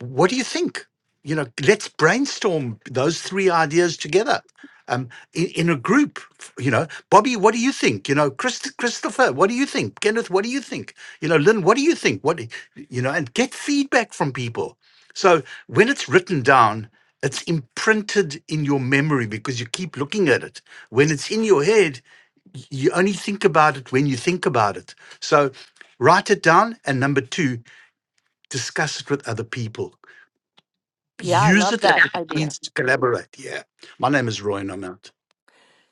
Speaker 1: what do you think? You know, let's brainstorm those three ideas together um, in, in a group. f- You know, Bobby, what do you think? You know, Christ- Christopher, what do you think? Kenneth, what do you think? You know, Lynn, what do you think? What, do- you know, and get feedback from people. So when it's written down, it's imprinted in your memory because you keep looking at it. When it's in your head, y- you only think about it when you think about it. So write it down. And number two, discuss it with other people
Speaker 3: Yeah, I
Speaker 1: use
Speaker 3: love
Speaker 1: it as
Speaker 3: that
Speaker 1: it
Speaker 3: idea.
Speaker 1: means to collaborate. Yeah. My name is Roy, and I'm out.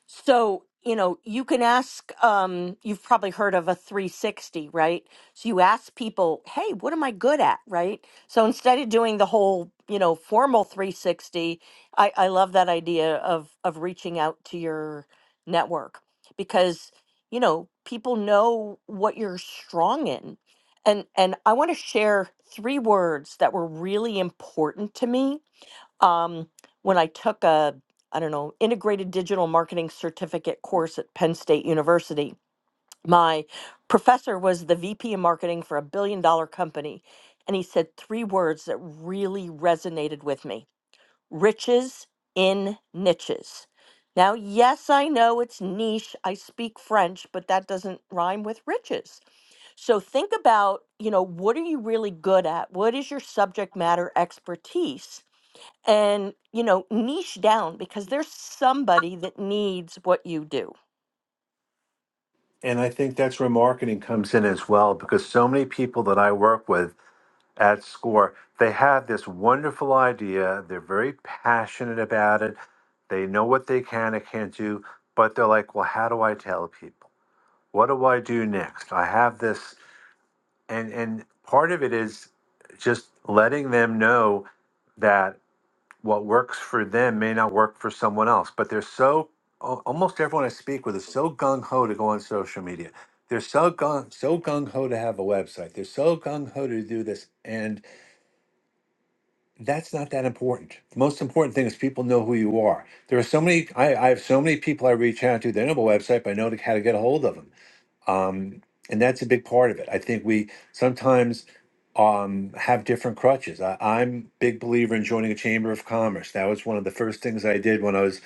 Speaker 3: So, you know, you can ask, um, you've probably heard of a 360, right? So you ask people, hey, what am I good at, right? So instead of doing the whole, you know, formal 360, I, I love that idea of, of reaching out to your network because, you know, people know what you're strong in. And, and I want to share three words that were really important to me um, when I took a, I don't know, integrated digital marketing certificate course at Penn State University. My professor was the VP of marketing for a billion dollar company. And he said three words that really resonated with me riches in niches. Now, yes, I know it's niche. I speak French, but that doesn't rhyme with riches. So think about, you know, what are you really good at? What is your subject matter expertise? and you know niche down because there's somebody that needs what you do
Speaker 2: And I think that's where marketing comes in as well, because so many people that I work with at SCORE. They have this wonderful idea. They're very passionate about it. They know what they can and can't do, but they're like, well, how do I tell people? What do I do next? I have this. And, and part of it is just letting them know that what works for them may not work for someone else. But they're so, al- almost everyone I speak with is so gung ho to go on social media. They're so gung so gung ho to have a website. They're so gung ho to do this. And that's not that important. The most important thing is people know who you are. There are so many, I, I have so many people I reach out to. They know my website, but I know how to get a hold of them um, and that's a big part of it. I think we sometimes um, have different crutches. I, I'm big believer in joining a chamber of commerce. That was one of the first things I did when I was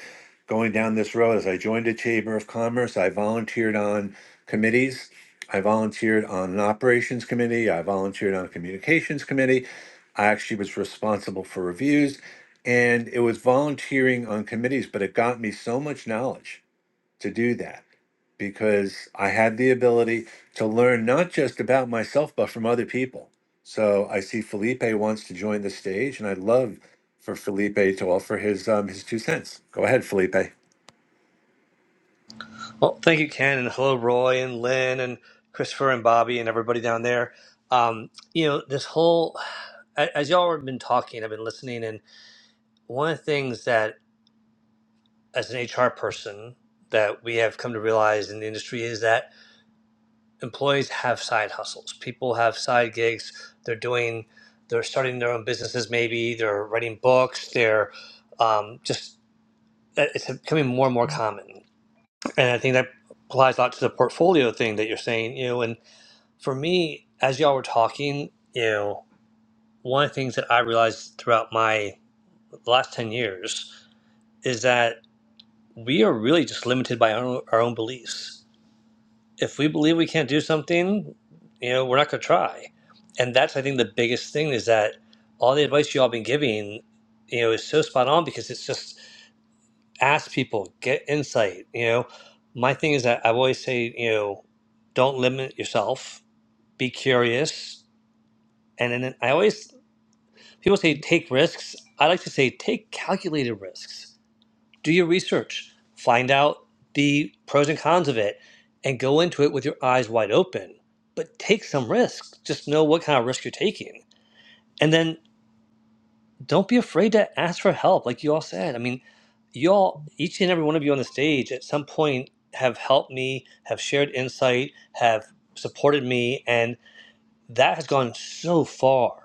Speaker 2: going down this road. Is I joined a chamber of commerce. I volunteered on committees. I volunteered on an operations committee. I volunteered on a communications committee. I actually was responsible for reviews, and it was volunteering on committees, but it got me so much knowledge to do that because I had the ability to learn not just about myself, but from other people. So I see Felipe wants to join the stage, and I'd love for Felipe to offer his um, his two cents. Go ahead, Felipe.
Speaker 6: Well, thank you, Ken, and hello, Roy and Lynn and Christopher and Bobby and everybody down there. Um, you know, this whole a- as y'all have been talking, I've been listening, and one of the things that as an HR person that we have come to realize in the industry is that employees have side hustles. People have side gigs. They're doing, they're starting their own businesses. Maybe they're writing books. They're um, just uh, it's becoming more and more common, and I think that applies a lot to the portfolio thing that you're saying. You know, and For me, as y'all were talking, you know, one of the things that I realized throughout my last 10 years is that we are really just limited by our own, our own beliefs. If we believe we can't do something, you know, we're not going to try. And that's, I think, the biggest thing is that all the advice y'all been giving, you know, is so spot on because it's just ask people, get insight. You know, my thing is that I always say, you know, don't limit yourself, be curious. And then I always People say take risks. I like to say take calculated risks. Do your research, find out the pros and cons of it, and go into it with your eyes wide open. But take some risks. Just know what kind of risk you're taking. And then don't be afraid to ask for help, like you all said. I mean, you all, each and every one of you on the stage at some point have helped me, have shared insight, have supported me, and that has gone so far.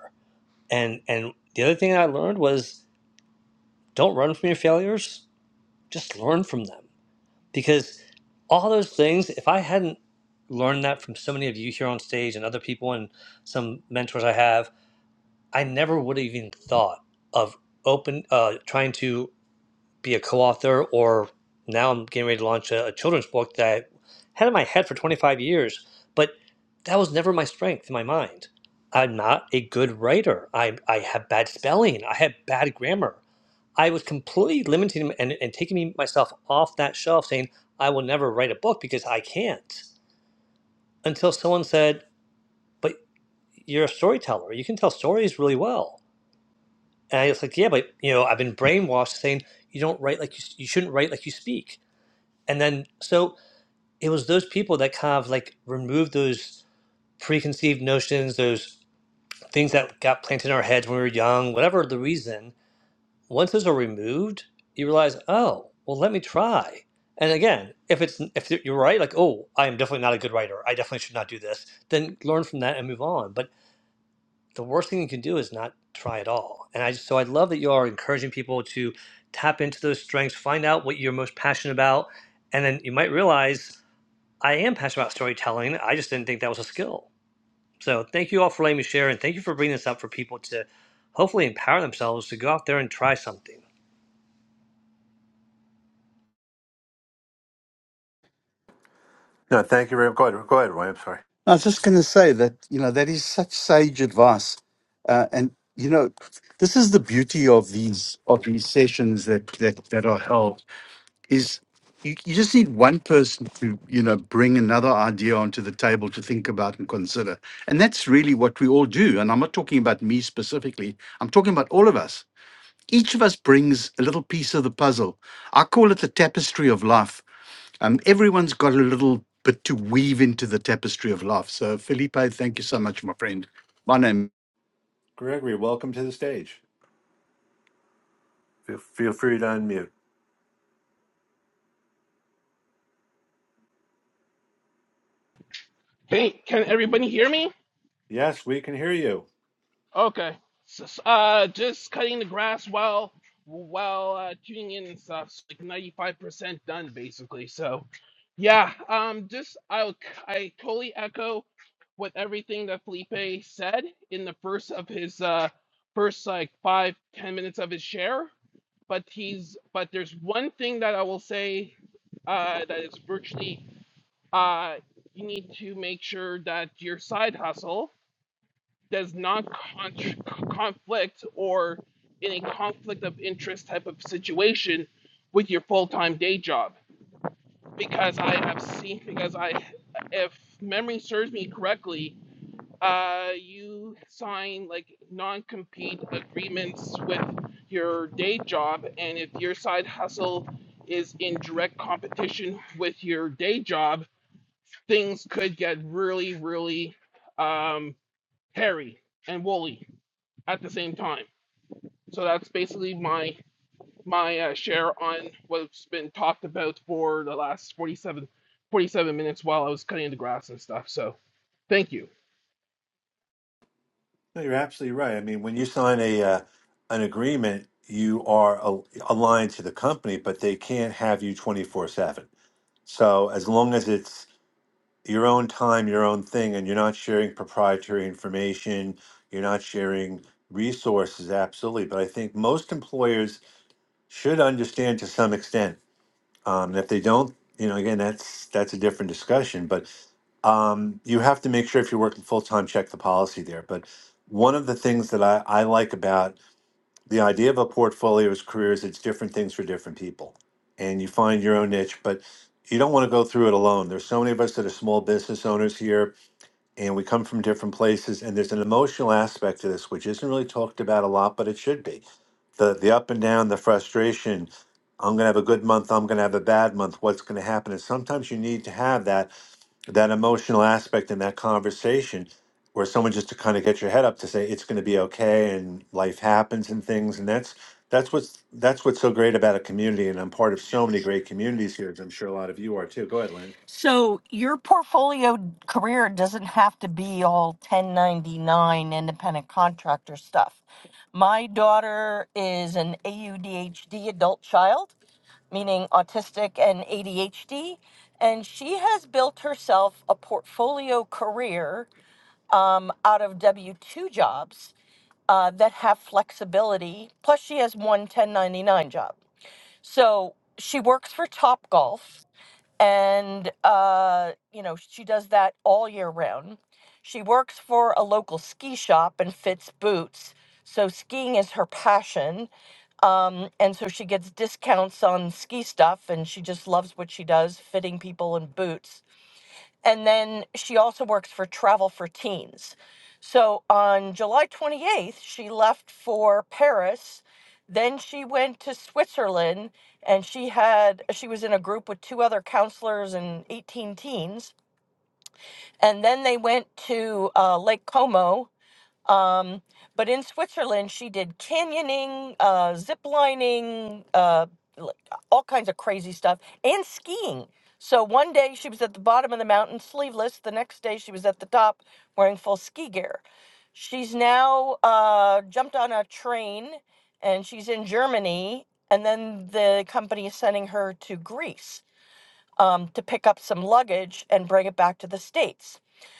Speaker 6: And and the other thing I learned was Don't run from your failures, just learn from them. Because all those things, if I hadn't learned that from so many of you here on stage and other people and some mentors I have, I never would have even thought of open uh, trying to be a co-author or now I'm getting ready to launch a, a children's book that I had in my head for 25 years, but that was never my strength in my mind. I'm not a good writer. I, I have bad spelling. I have bad grammar. I was completely limiting him and, and taking me myself off that shelf, saying, I will never write a book because I can't. Until someone said, But you're a storyteller. You can tell stories really well. And I was like, Yeah, but you know, I've been brainwashed saying you don't write like you, you shouldn't write like you speak. And then so it was those people that kind of like removed those preconceived notions, those things that got planted in our heads when we were young, whatever the reason once those are removed, you realize, oh, well, let me try. And again, if it's if you're right, like, oh, I am definitely not a good writer. I definitely should not do this. Then learn from that and move on. But the worst thing you can do is not try at all. And I so I love that you are encouraging people to tap into those strengths, find out what you're most passionate about, and then you might realize I am passionate about storytelling. I just didn't think that was a skill. So thank you all for letting me share, and thank you for bringing this up for people to hopefully empower themselves to go out there and try something.
Speaker 2: No, thank you very much. Go ahead, go ahead, Roy. I'm sorry.
Speaker 1: I was just going to say that, you know, that is such sage advice. Uh, and, you know, this is the beauty of these of these sessions that, that, that are held is you, you just need one person to, you know, bring another idea onto the table to think about and consider. And that's really what we all do. And I'm not talking about me specifically. I'm talking about all of us. Each of us brings a little piece of the puzzle. I call it the tapestry of life Um, everyone's got a little bit to weave into the tapestry of life. So, Felipe, thank you so much, my friend. My name.
Speaker 2: Gregory, welcome to the stage. Feel, feel free to unmute.
Speaker 7: Hey, can everybody hear me?
Speaker 2: Yes, we can hear you.
Speaker 7: Okay. So, so, uh, just cutting the grass while while uh, tuning in and stuff. It's like ninety five percent done basically. So, yeah. Um, just I I totally echo with everything that Felipe said in the first of his uh first like five ten minutes of his share. But he's but there's one thing that I will say uh, that is virtually uh you need to make sure that your side hustle does not con- conflict or in a conflict of interest type of situation with your full-time day job because i have seen because i if memory serves me correctly uh, you sign like non-compete agreements with your day job and if your side hustle is in direct competition with your day job things could get really really um, hairy and woolly at the same time. So that's basically my my uh, share on what's been talked about for the last 47 47 minutes while I was cutting the grass and stuff. So thank you.
Speaker 2: No, you're absolutely right. I mean, when you sign a uh, an agreement, you are a, aligned to the company, but they can't have you 24 seven. So as long as it's your own time, your own thing, and you're not sharing proprietary information, you're not sharing resources, absolutely. But I think most employers should understand to some extent. Um, and if they don't, you know, again, that's that's a different discussion. But um, you have to make sure if you're working full time, check the policy there. But one of the things that I, I like about the idea of a portfolio is careers, it's different things for different people. And you find your own niche, but you don't want to go through it alone. There's so many of us that are small business owners here, and we come from different places and there's an emotional aspect to this which isn't really talked about a lot but it should be the the up and down the frustration i'm going to have a good month i'm going to have a bad month what's going to happen and sometimes you need to have that that emotional aspect in that conversation where someone just to kind of get your head up to say it's going to be okay and life happens and things and that's that's what's that's what's so great about a community and i'm part of so many great communities here as i'm sure a lot of you are too go ahead Lynn.
Speaker 3: so your portfolio career doesn't have to be all 1099 independent contractor stuff my daughter is an AUDHD adult child meaning autistic and ADHD. And she has built herself a portfolio career um, out of W 2 jobs. uh, that have flexibility. Plus, she has one 1099 job. So she works for Topgolf and, uh, you know, she does that all year round. She works for a local ski shop and fits boots. So skiing is her passion. Um, and so she gets discounts on ski stuff and she just loves what she does, fitting people in boots and then she also works for Travel for Teens. So on July 28th, she left for Paris. Then she went to Switzerland and she had she was in a group with two other counselors and 18 teens. And then they went to uh, Lake Como um, but in Switzerland, she did canyoning, uh, zip lining, uh, l- all kinds of crazy stuff, and skiing. So one day she was at the bottom of the mountain sleeveless. The next day she was at the top wearing full ski gear. She's now uh, jumped on a train and she's in Germany. And then the company is sending her to Greece um, to pick up some luggage and bring it back to the States.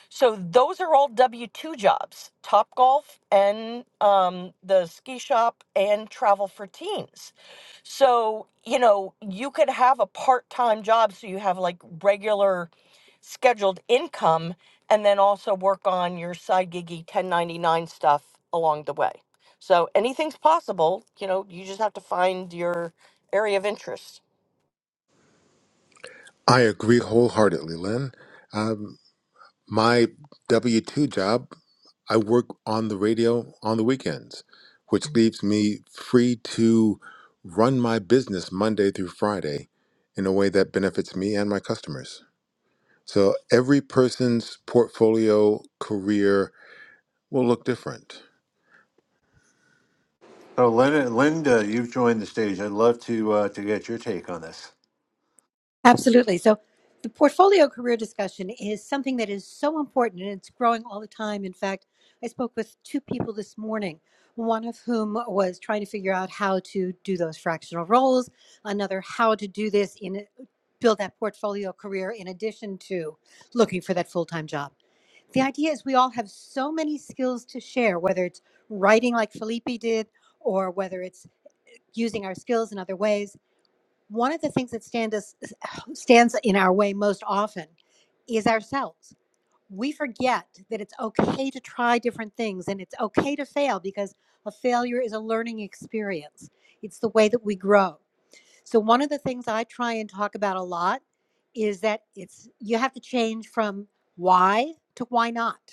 Speaker 3: So those are all W 2 jobs Top Golf and um, the ski shop and travel for teens. So, you know, you could have a part time job so you have like regular scheduled income and then also work on your side giggy 1099 stuff along the way. So anything's possible, you know, you just have to find your area of interest.
Speaker 4: i agree wholeheartedly lynn Um, My W 2 job, I work on the radio on the weekends, which leaves me free to run my business Monday through Friday in a way that benefits me and my customers. So every person's portfolio career will look different.
Speaker 2: So, Linda, Linda, you've joined the stage. I'd love to uh, to get your take on this.
Speaker 8: Absolutely. So the portfolio career discussion is something that is so important and it's growing all the time. In fact, I spoke with two people this morning, one of whom was trying to figure out how to do those fractional roles, another how to do this in build that portfolio career in addition to looking for that full-time job. The idea is we all have so many skills to share, whether it's writing like Felipe did or whether it's using our skills in other ways one of the things that stand us, [SIGHS] stands in our way most often is ourselves. We forget that it's okay to try different things and it's okay to fail because a failure is a learning experience. It's the way that we grow. So one of the things I try and talk about a lot is that it's you have to change from why to why not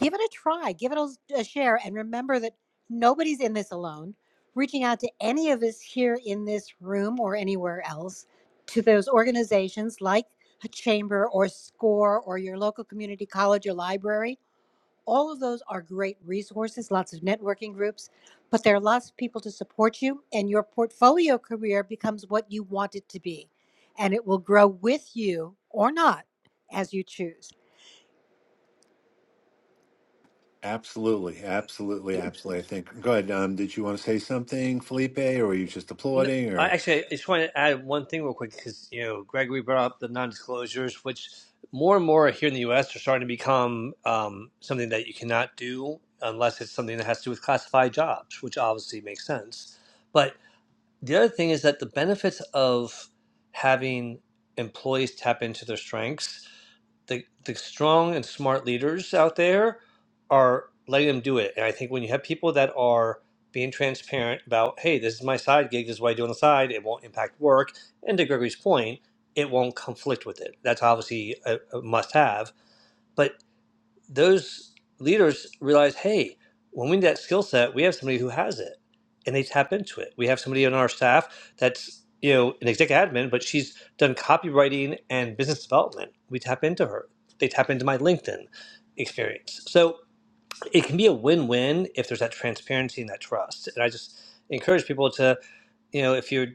Speaker 8: give it a try, give it a, a share, and remember that nobody's in this alone. Reaching out to any of us here in this room or anywhere else, to those organizations like a chamber or SCORE or your local community college or library, all of those are great resources, lots of networking groups, but there are lots of people to support you, and your portfolio career becomes what you want it to be. And it will grow with you or not as you choose.
Speaker 2: Absolutely, absolutely, absolutely. I think. Go ahead. Um, did you want to say something, Felipe, or were you just
Speaker 6: No,
Speaker 2: applauding?
Speaker 6: I
Speaker 2: Or
Speaker 6: actually, I just want to add one thing real quick because you know, Gregory brought up the non-disclosures, which more and more here in the U.S. are starting to become um, something that you cannot do unless it's something that has to do with classified jobs, which obviously makes sense. But the other thing is that the benefits of having employees tap into their strengths the the strong and smart leaders out there are letting them do it. And I think when you have people that are being transparent about, hey, this is my side gig, this is what I do on the side, it won't impact work. And to Gregory's point, it won't conflict with it. That's obviously a, a must have. but those leaders realize, hey, when we need that skill set, we have somebody who has it, and they tap into it. We have somebody on our staff that's you know an exec admin, but she's done copywriting and business development. We tap into her. They tap into my LinkedIn experience. So it can be a win-win if there's that transparency and that trust. And I just encourage people to you know if you're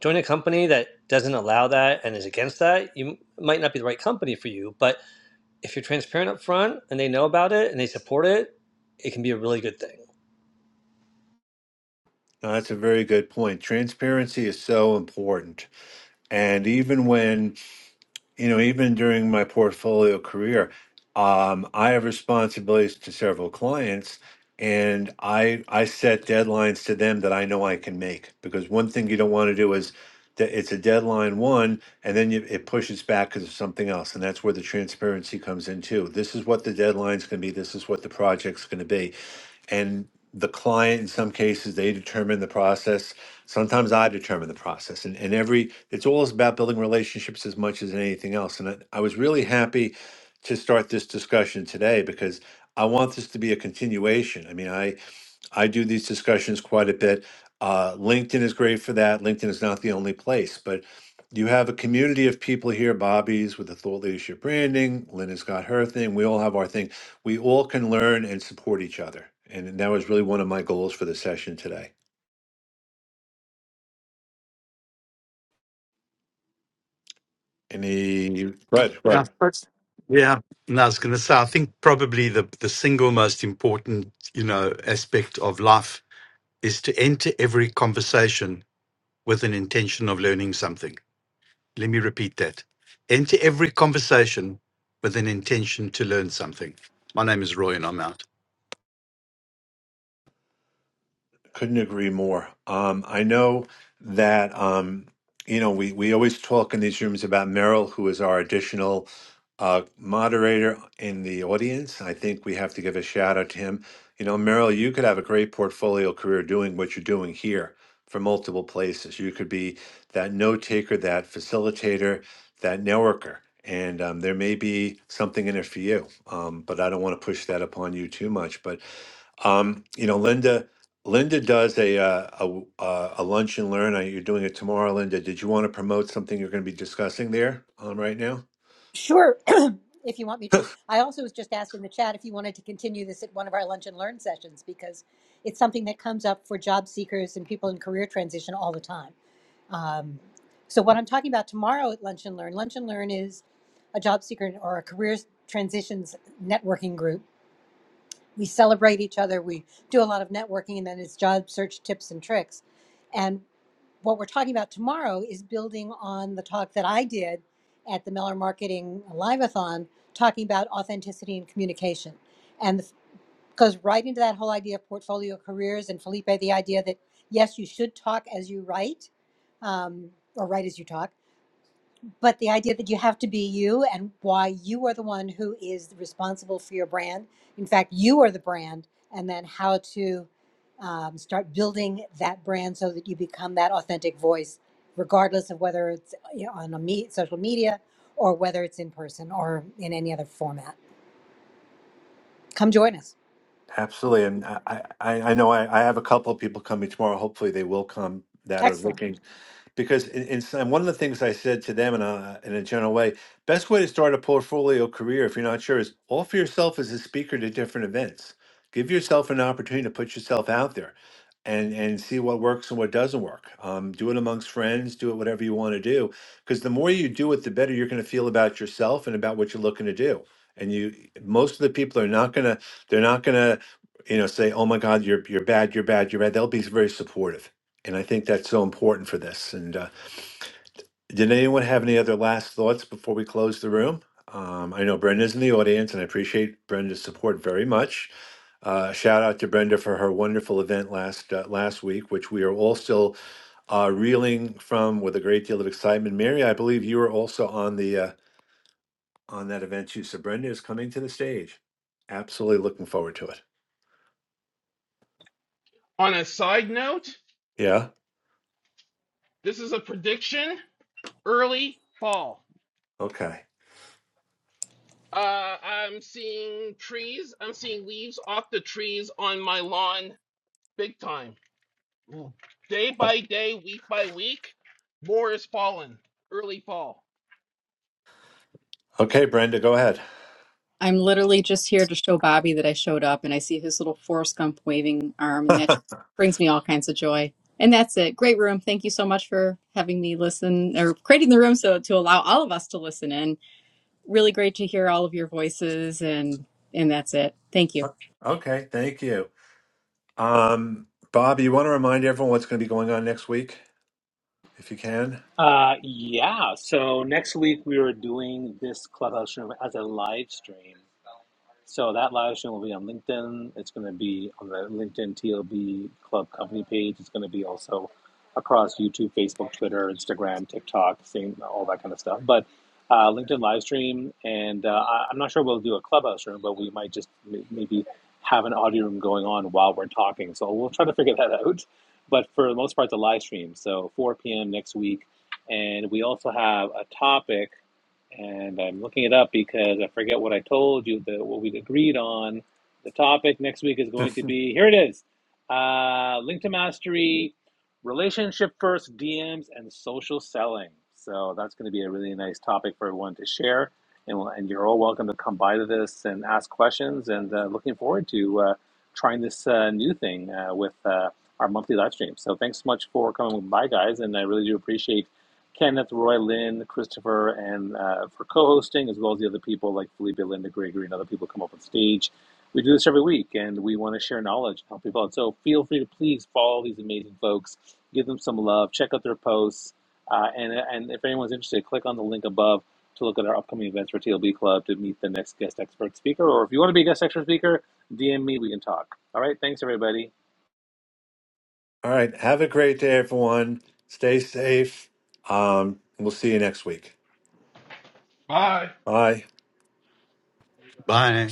Speaker 6: joining a company that doesn't allow that and is against that, you might not be the right company for you. But if you're transparent up front and they know about it and they support it, it can be a really good thing.
Speaker 2: no, that's a very good point. Transparency is so important, and even when you know, even during my portfolio career, um, I have responsibilities to several clients, and I I set deadlines to them that I know I can make because one thing you don't want to do is that it's a deadline one, and then you, it pushes back because of something else, and that's where the transparency comes in too. This is what the deadline's going to be. This is what the project's going to be, and the client in some cases they determine the process sometimes I determine the process. And, and every, it's all about building relationships as much as anything else. And I, I was really happy to start this discussion today because I want this to be a continuation. I mean, I, I do these discussions quite a bit. Uh, LinkedIn is great for that. LinkedIn is not the only place, but you have a community of people here, Bobby's with the thought leadership branding, Lynn has got her thing. We all have our thing. We all can learn and support each other. And that was really one of my goals for the session today. Any Right, right.
Speaker 1: Yeah, that's- yeah. And I was going to say, I think probably the the single most important, you know, aspect of life is to enter every conversation with an intention of learning something. Let me repeat that: enter every conversation with an intention to learn something. My name is Roy, and I'm out.
Speaker 2: Couldn't agree more. Um, I know that um, you know we we always talk in these rooms about Merrill, who is our additional uh, moderator in the audience. I think we have to give a shout out to him. You know, Merrill, you could have a great portfolio career doing what you're doing here from multiple places. You could be that note taker, that facilitator, that networker. And um, there may be something in it for you, um, but I don't want to push that upon you too much. But Um, you know, Linda, Linda does a uh, a, w- uh, a lunch and learn. Uh, You're doing it tomorrow, Linda. Did you want to promote something you're going to be discussing there um, right now?
Speaker 8: Sure. if you want me to. I also was just asked in the chat if you wanted to continue this at one of our lunch and learn sessions because it's something that comes up for job seekers and people in career transition all the time. Um, so what I'm talking about tomorrow at lunch and learn, lunch and learn is a job seeker or a career transitions networking group. We celebrate each other. We do a lot of networking, and then it's job search tips and tricks. And what we're talking about tomorrow is building on the talk that I did at the Miller Marketing Liveathon, talking about authenticity and communication, and the, goes right into that whole idea of portfolio careers and Felipe, the idea that yes, you should talk as you write, um, or write as you talk, but the idea that you have to be you and why you are the one who is responsible for your brand in fact you are the brand and then how to um, start building that brand so that you become that authentic voice regardless of whether it's you know, on a me- social media or whether it's in person or in any other format come join us
Speaker 2: Absolutely, and I I, I I know I, I have a couple of people coming tomorrow. Hopefully, they will come that are
Speaker 8: excellent
Speaker 2: looking because in, in, some- one of the things I said to them in a, in a general way, best way to start a portfolio career if you're not sure is offer yourself as a speaker to different events. Give yourself an opportunity to put yourself out there and and see what works and what doesn't work. Um, do it amongst friends, do it whatever you want to do because the more you do it, the better you're going to feel about yourself and about what you're looking to do. And you most of the people are not going to they're not going to you know say, "Oh my god, you're you're bad, you're bad, you're bad." They'll be very supportive and I think that's so important for this. And uh, did anyone have any other last thoughts before we close the room? Um, I know Brenda's in the audience, and I appreciate Brenda's support very much. Uh, shout out to Brenda for her wonderful event last uh, last week, which we are all still uh, reeling from with a great deal of excitement. Mary, I believe you were also on the uh, on that event too. So Brenda is coming to the stage. Absolutely looking forward to it.
Speaker 7: On a side note,
Speaker 2: Yeah.
Speaker 7: this is a prediction early fall.
Speaker 2: Okay.
Speaker 7: Uh, I'm seeing trees, I'm seeing leaves off the trees on my lawn big time. Day by day, week by week, more is falling. Early fall.
Speaker 2: Okay, Brenda, go ahead.
Speaker 9: I'm literally just here to show Bobby that I showed up and I see his little Forrest Gump waving arm, and that just brings me all kinds of joy. And that's it. Great room. Thank you so much for having me listen or creating the room so to allow all of us to listen in. Really great to hear all of your voices and and that's it. Thank you.
Speaker 2: [LAUGHS] okay. Thank you. Um, Bob, you want to remind everyone what's going to be going on next week, if you can?
Speaker 5: Uh, yeah. So, next week we are doing this clubhouse room as a live stream. So that live stream will be on LinkedIn. It's going to be on the LinkedIn TLB Club Company page. It's going to be also across YouTube, Facebook, Twitter, Instagram, TikTok, same, all that kind of stuff. But uh, LinkedIn live stream, and uh, I- am not sure we'll do a clubhouse room, but we might just maybe have an audio room going on while we're talking. So we'll try to figure that out. But for the most part, the live stream. So 4 p.m. next week, and we also have a topic and I'm looking it up because I forget what I told you that what we agreed on. The topic next week is
Speaker 2: [LAUGHS]
Speaker 5: going to be here. It is uh, link to mastery, relationship first DMs, and social selling. So that's going to be a really nice topic for everyone to share, and we'll- and you're all welcome to come by to this and ask questions. And uh, looking forward to uh, trying this uh, new thing uh, with. Uh, our monthly live stream. So thanks so much for coming by, guys, and I really do appreciate Kenneth, Roy, Lynn, Christopher, and uh, for co-hosting, as well as the other people like Felipe, Linda, Gregory, and other people come up on stage. We do this every week, and we want to share knowledge and help people out. So feel free to please follow these amazing folks, give them some love, check out their posts, uh, and and if anyone's interested, click on the link above to look at our upcoming events for TLB Club to meet the next guest expert speaker. Or if you want to be a guest expert speaker, DM me, we can talk. All right, thanks everybody.
Speaker 2: All right. Have a great day, everyone. Stay safe. Um, we'll see you next week.
Speaker 7: Bye.
Speaker 2: Bye.
Speaker 1: Bye.